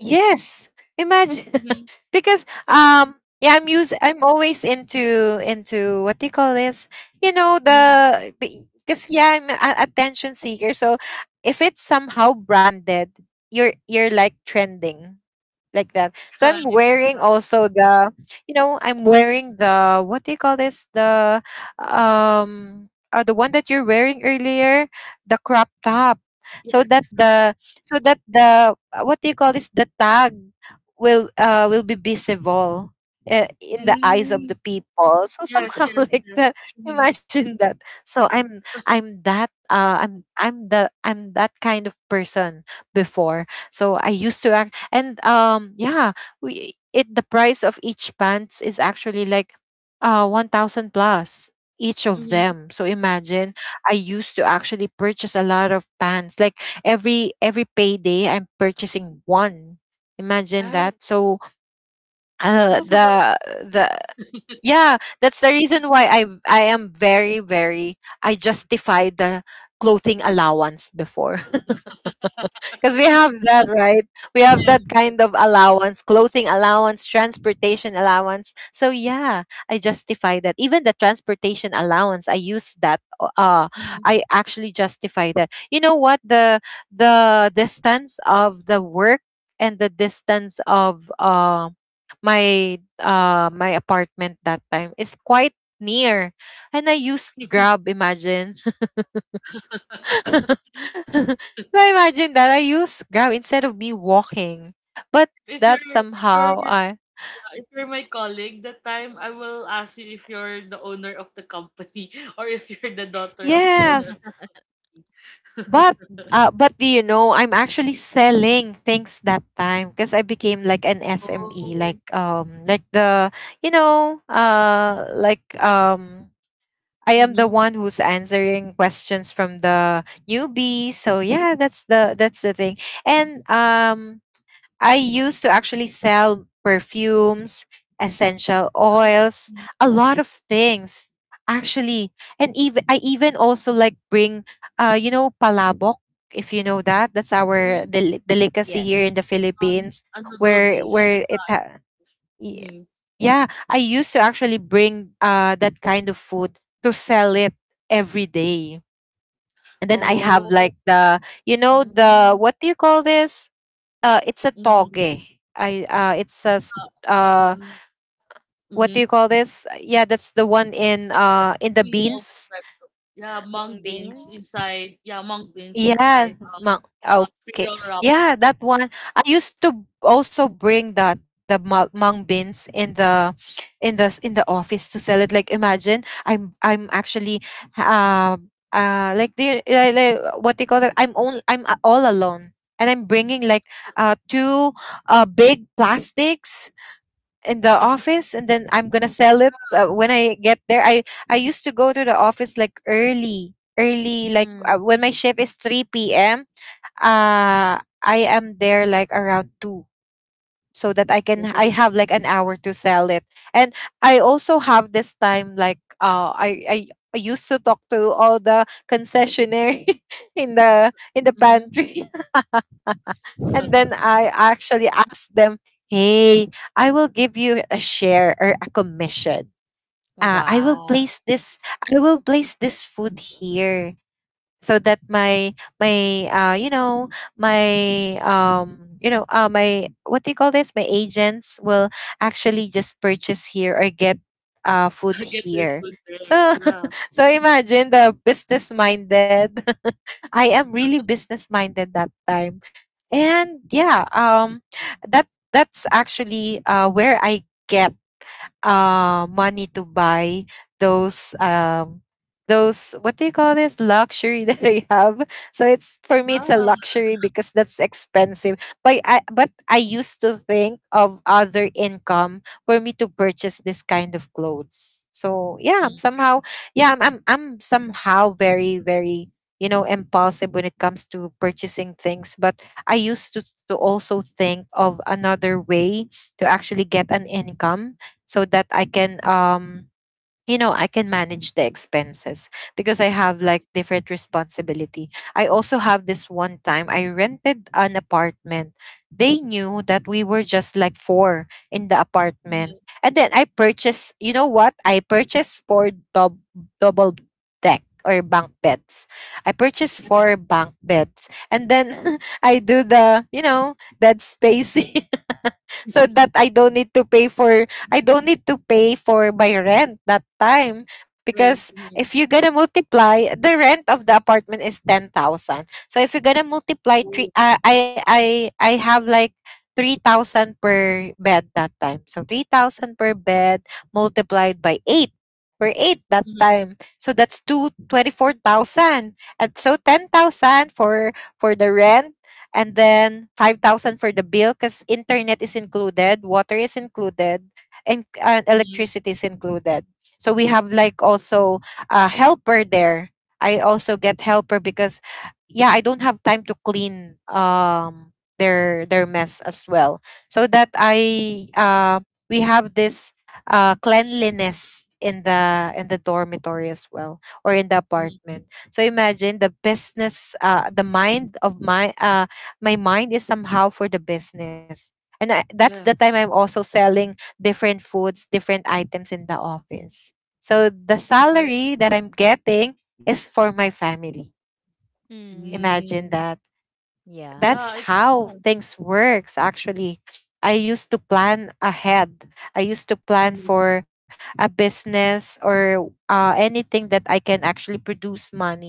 yes, imagine.
Mhm.
Because yeah, I'm always into what do you call this, you know,
Mhm.
the because yeah, I'm a attention seeker. So if it's somehow branded, you're like trending, like that. So I'm
Right.
wearing
Uh,
also you know, I'm wearing the what do you call this? The one that you're wearing earlier, the crop top. So
yes,
that
the laptop.
the so that the, what do you call this? The tag will be visible. In the eyes of
Mhm.
the people, so
Yes,
somehow,
yes,
like
yes.
that.
Mhm.
Imagine that. So I'm that, I'm that kind of person before. So I used to act, and yeah, we it the price of each pants is actually like 1000 plus each of
Mhm.
them. So imagine, I used to actually purchase a lot of pants, like every payday I'm purchasing one. Imagine
Right.
that. So
It
uh
was a lot.
the the yeah, that's the reason why I am very, very, I justify the clothing allowance before, because we have that, right? We have
Yes.
Mhm.
that kind of allowance, clothing allowance, transportation allowance. So yeah, I justify that. Even the transportation allowance, I use that.
Mhm.
I actually justify that. You know what? The distance of the work and the distance of my my apartment that time is quite near, and I used Grab, imagine. So imagine that I use Grab instead of me walking. But
If you're
that
if you're
somehow I
if you're my colleague, that time I will ask you if you're the owner of the company or if you're the daughter of the owner of
Yes.
the company.
But but do you know I'm actually selling things that time, because I became like an
Oh.
SME, like the, you know, I am the
Mm-hmm.
one who's answering questions from the newbies. So yeah, that's the thing. And I used to actually sell perfumes, essential oils, a lot of things actually. And even I even also like bring you know, palabok, if you know that. That's our
Mhm.
delicacy
Yes.
here in the Philippines,
A noodle
where
dish.
y-
Mm-hmm.
yeah, I used to actually bring that kind of food to sell it every day. And then I have
Oh.
like the, you know, the
Mm.
what do you call this, it's a
Mm-hmm.
toge, I it's a s-
Uh,
uh
um.
what do
Mm-hmm.
you call this, yeah, that's the one
It's like
in the
cereal with
beans.
breadfruit. Yeah, mung
Mung
beans
beans.
inside. Yeah, mung beans inside
Yeah,
spring
okay,
roll wrapper.
yeah, that one I used to also bring that, the mung beans in the office, to sell it. Like imagine, I'm actually um like what do you call that, I'm only I'm all alone, and I'm bringing like two big plastics in the office, and then I'm gonna sell it
Yeah.
when I get there. I used to go to the office like early, early, like
Mm.
when my shift is 3 p.m., I am there like around 2, so that I can I
Oh.
have like an hour to sell it. And I also have this time, like I used to talk to all the concessionaire in the
Mhm.
pantry. And then I actually asked them, hey, I will give you a share or a commission. Uh, I will
Wow.
place this I will place this food here, so that my you know, my what do you call this, my agents will actually just purchase here or get food
Get their
here.
food there.
So
Yeah.
so imagine the business minded. I am really business minded that time. And yeah, that's actually where I get money to buy those um, those what do you call this luxury that I have. So it's, for me, it's a luxury because that's expensive. But I used to think of other income for me to purchase this kind of clothes. So yeah, I'm somehow, yeah, I'm somehow very, very, you know, impulsive when it comes to purchasing things, but I used to also think of another way to actually get an income, so that I can you know, I can manage the expenses because I have
Ah.
like different responsibility. I also have this one time I rented an apartment. They knew that we were just like four in the apartment.
Mhm,
And then I purchased, you know what? I purchased double deck or bunk beds. I purchased
right,
four bunk beds. And then I do the, you know, that spacing. So that I don't need to pay for, I don't need to pay for my rent that time,
right,
because
mhm.
if you're gonna multiply, the rent of the apartment is 10,000. So if you're gonna multiply three,
Oh,
I have like 3,000 per bed that time. So 3,000 per bed multiplied by 8. We're 8 that
mhm,
time. So that's two twenty four thousand. And so 10,000 for the rent, and then 5,000 for the bill, because internet is included, water is included, and
mhm,
electricity is included. So we have like also a helper there. I also get helper because yeah, I don't have time to clean their mess as well. So that I we have this cleanliness in the dormitory as well, or in the
mhm.
apartment. So imagine the business, the mind of my, my mind is somehow for the business. And I, that's the time
Yes,
I'm also selling different foods, different items in the office. So the
correct.
salary that I'm getting is for my family.
Mm.
Imagine
Mm.
that.
Yeah.
Yeah, I
That's
yeah.
how things works actually. I used to plan ahead. I used to plan
Mhm,
for a business, or anything that I can actually produce money.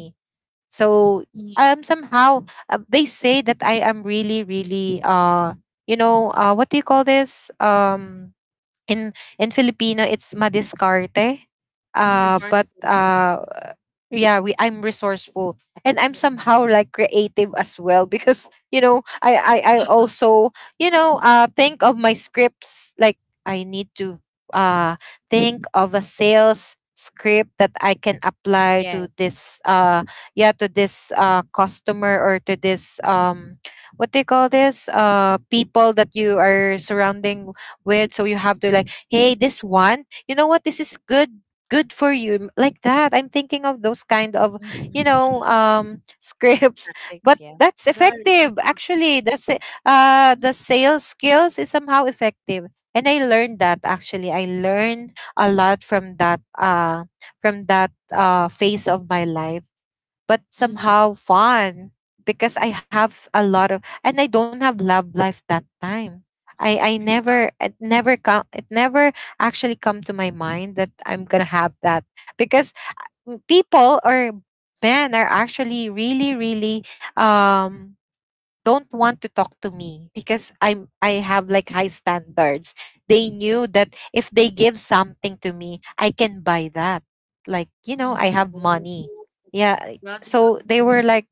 So
mhm.
somehow, they say that I am really, really, you know, what do you call this, in Filipino, it's madiscarte.
Mm.
But
Resourceful, yeah.
yeah, we I'm resourceful, and I'm
Re- Mhm.
somehow like creative as well, because you know, I also, you know, think of my scripts, like I need to uh think of a sales script that I can apply
Yes.
to this yeah, to this customer, or to this what do you call this, people that you are surrounding with. So you have to like, hey, this one, you know what, this is good, good for you, like that. I'm thinking of those kind
Mhm.
of, you know, scripts.
Tactics, yeah.
But that's
Right,
effective
uh-huh,
actually, that's it. The sales skills is somehow effective, and I learned that actually, I learned a lot from that phase of my life, but
Mhm.
mhm.
somehow fun, because I have a lot of, and I don't have love life that time. I
Yeah.
never it never come it never actually come to my mind that I'm gonna have that, because people or men are actually really, really, um don't want to talk to me because I have like high standards. They knew that if they give something to me, I can buy that. Like, you know,
Mhm.
I have
Oh,
money. Yeah.
radical
So they were
intimidation.
like,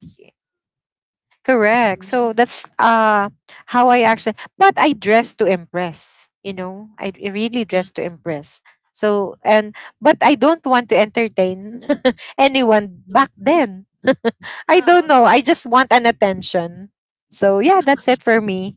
correct. So
Mhm,
that's how I actually, but I dress to impress, you know. Really dress
mhm,
to impress. So and, but I don't want to entertain anyone
mhm.
back then. I
Yeah.
don't know. I just want an attention. So yeah, that's it for me.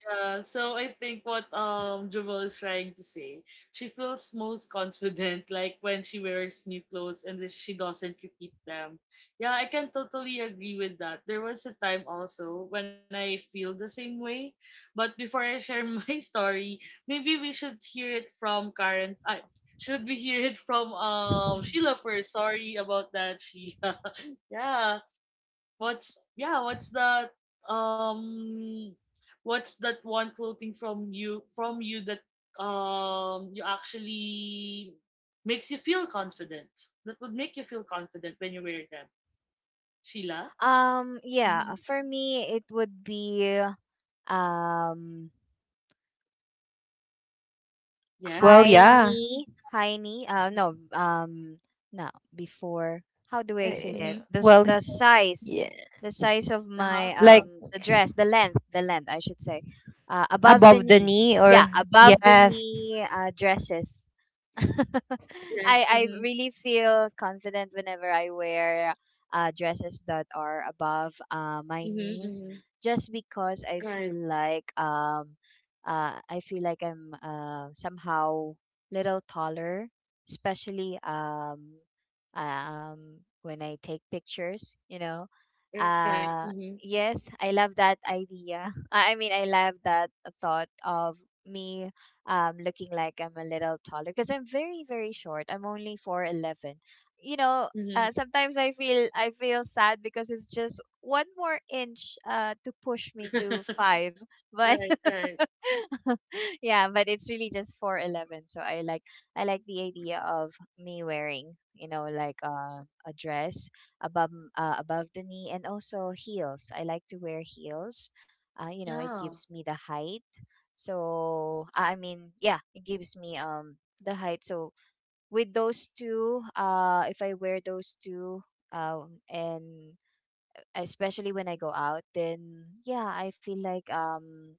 Yeah, so I think what Jewel is trying to say, she feels most confident like when she wears new clothes and then she doesn't repeat them. Yeah, I can totally agree with that. There was a time also when I feel the same way, but before I share my story, maybe we should hear it from Karen. I Should we hear it from Sheila first? Sorry about that, Sheila. Yeah. What's that um what's that one clothing from you that you actually makes you feel confident? That would make you feel confident when you wear them. Sheila? Mm-hmm.
Yeah, for me it would be um
Well,
Yes.
high
yeah.
knee, high knee. No, no. Before, how do I say that?
Eh,
Mm-hmm.
Well,
The size,
yeah.
the size of
Uh-huh.
my
Uh-huh.
Like
the dress, the length, the length. I should say, above
Mm-hmm.
the
above the
knee.
knee
Yeah,
or
above the
yes.
knee dresses. I
Yes.
I
Mm-hmm.
really feel confident whenever I wear dresses that are above my
Mm-hmm.
knees,
Mm-hmm.
just because
Right.
I feel like I'm somehow little taller, especially when I take pictures, you know.
Right. Mm-hmm.
Uh, yes, I love that idea. I mean, I love that thought of me looking like I'm a little taller because I'm very, very short. I'm only 4'11. You know,
Mm-hmm.
sometimes I feel sad because it's just one more inch to push me to five. But
right. Right.
yeah, but it's really just 4'11. So I like the idea of me wearing, you know, like a dress above the knee and also heels. I like to wear heels. You know, it
Yeah.
gives me the height. So I mean, yeah, it gives me the height. So with those two, if I wear those two, and especially when I go out, then yeah, I feel like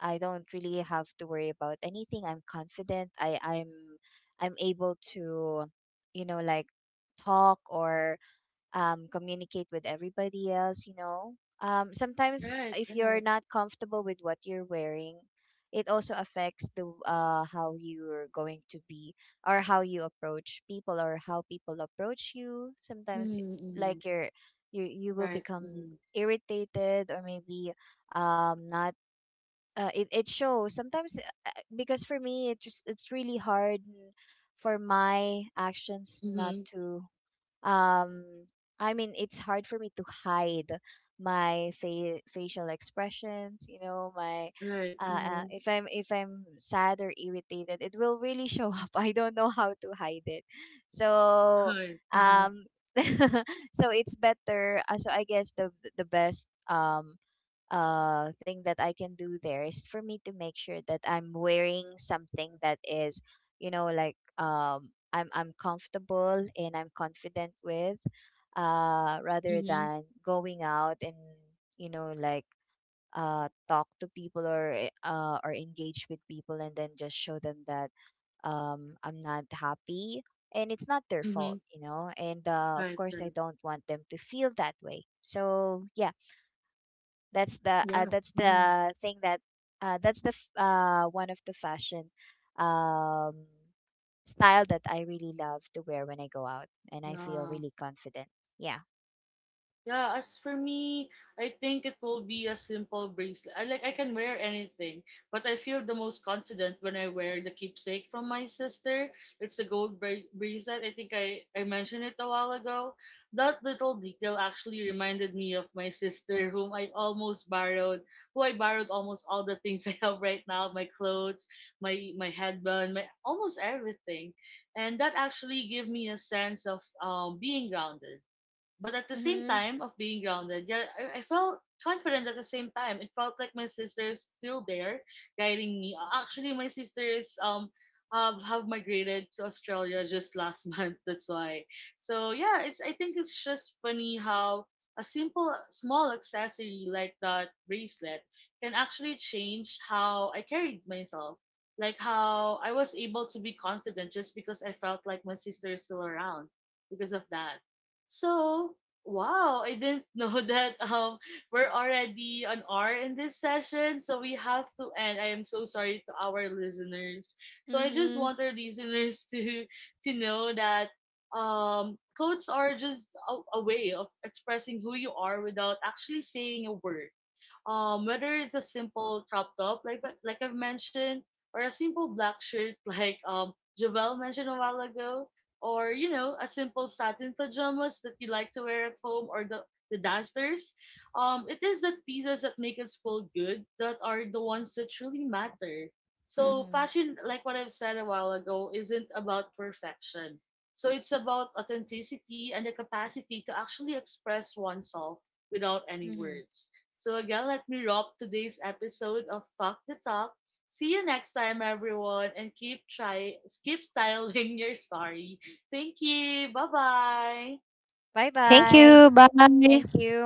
I don't really have to worry about anything. I'm confident. I'm able to, you know, like talk or communicate with everybody else, you know. Um, sometimes
Right.
if
Right.
you're not comfortable with what you're wearing, it also affects the how you're going to be or how you approach people or how people approach you. Sometimes
Mm-hmm.
like you you will
Right.
become
Mm-hmm.
irritated or maybe not it, it shows sometimes because for me it just it's really hard for my actions not
Mm-hmm.
to um I mean it's hard for me to hide facial expressions you know my
Right. Mm-hmm.
if I'm sad or irritated it will really show up. I don't know how to hide it so
Right. Mhm.
um so it's better so I guess the best thing that I can do there is for me to make sure that I'm wearing something that is you know like I'm comfortable and I'm confident with, rather
Mhm.
than going out and you know like talk to people or or engage with people and then just show them that I'm not happy and it's not their fault
Mhm.
you know and of
Right,
course I
right.
don't want them to feel that way so yeah
Yes.
that's
Mhm.
the thing that that's the one of the fashion um, style that I really love to wear when I go out, and I feel
Yeah.
really confident. Yeah.
Yeah, as for me, I think it will be a simple bracelet. I can wear anything, but I feel the most confident when I wear the keepsake from my sister. It's a gold bracelet. I think I mentioned it a while ago. That little detail actually reminded me of my sister who I borrowed almost all the things I have right now, my clothes, my headband, my almost everything. And that actually gave me a sense of being grounded but at the same
Mhm.
time of being grounded, yeah, I felt confident at the same time. It felt like my sister is still there guiding me. Actually, my sister is have migrated to Australia just last month. That's why. So yeah, it's I think it's just funny how a simple small accessory like that bracelet can actually change how I carried myself. Like how I was able to be confident just because I felt like my sister is still around because of that. So, wow, I didn't know that we're already an hour in this session, so we have to end. I am so sorry to our listeners. So I just
Mhm.
want our listeners to know that clothes are just a way of expressing who you are without actually saying a word, whether it's a simple crop top like I've mentioned or a simple black shirt like Javel mentioned a while ago, or, you know, a simple satin pajamas that you like to wear at home, or the dancers. It is the pieces that make us feel good that are the ones that truly matter. So
Mhm.
fashion, like what I've said a while ago, isn't about perfection. So it's about authenticity and the capacity to actually express oneself without any
Mhm.
words. So, again, let me wrap today's episode of Talk the Talk. See you next time, everyone, and keep styling your story. Thank you. Bye bye.
Bye
Thank
bye.
you.
Thank
Bye.
you.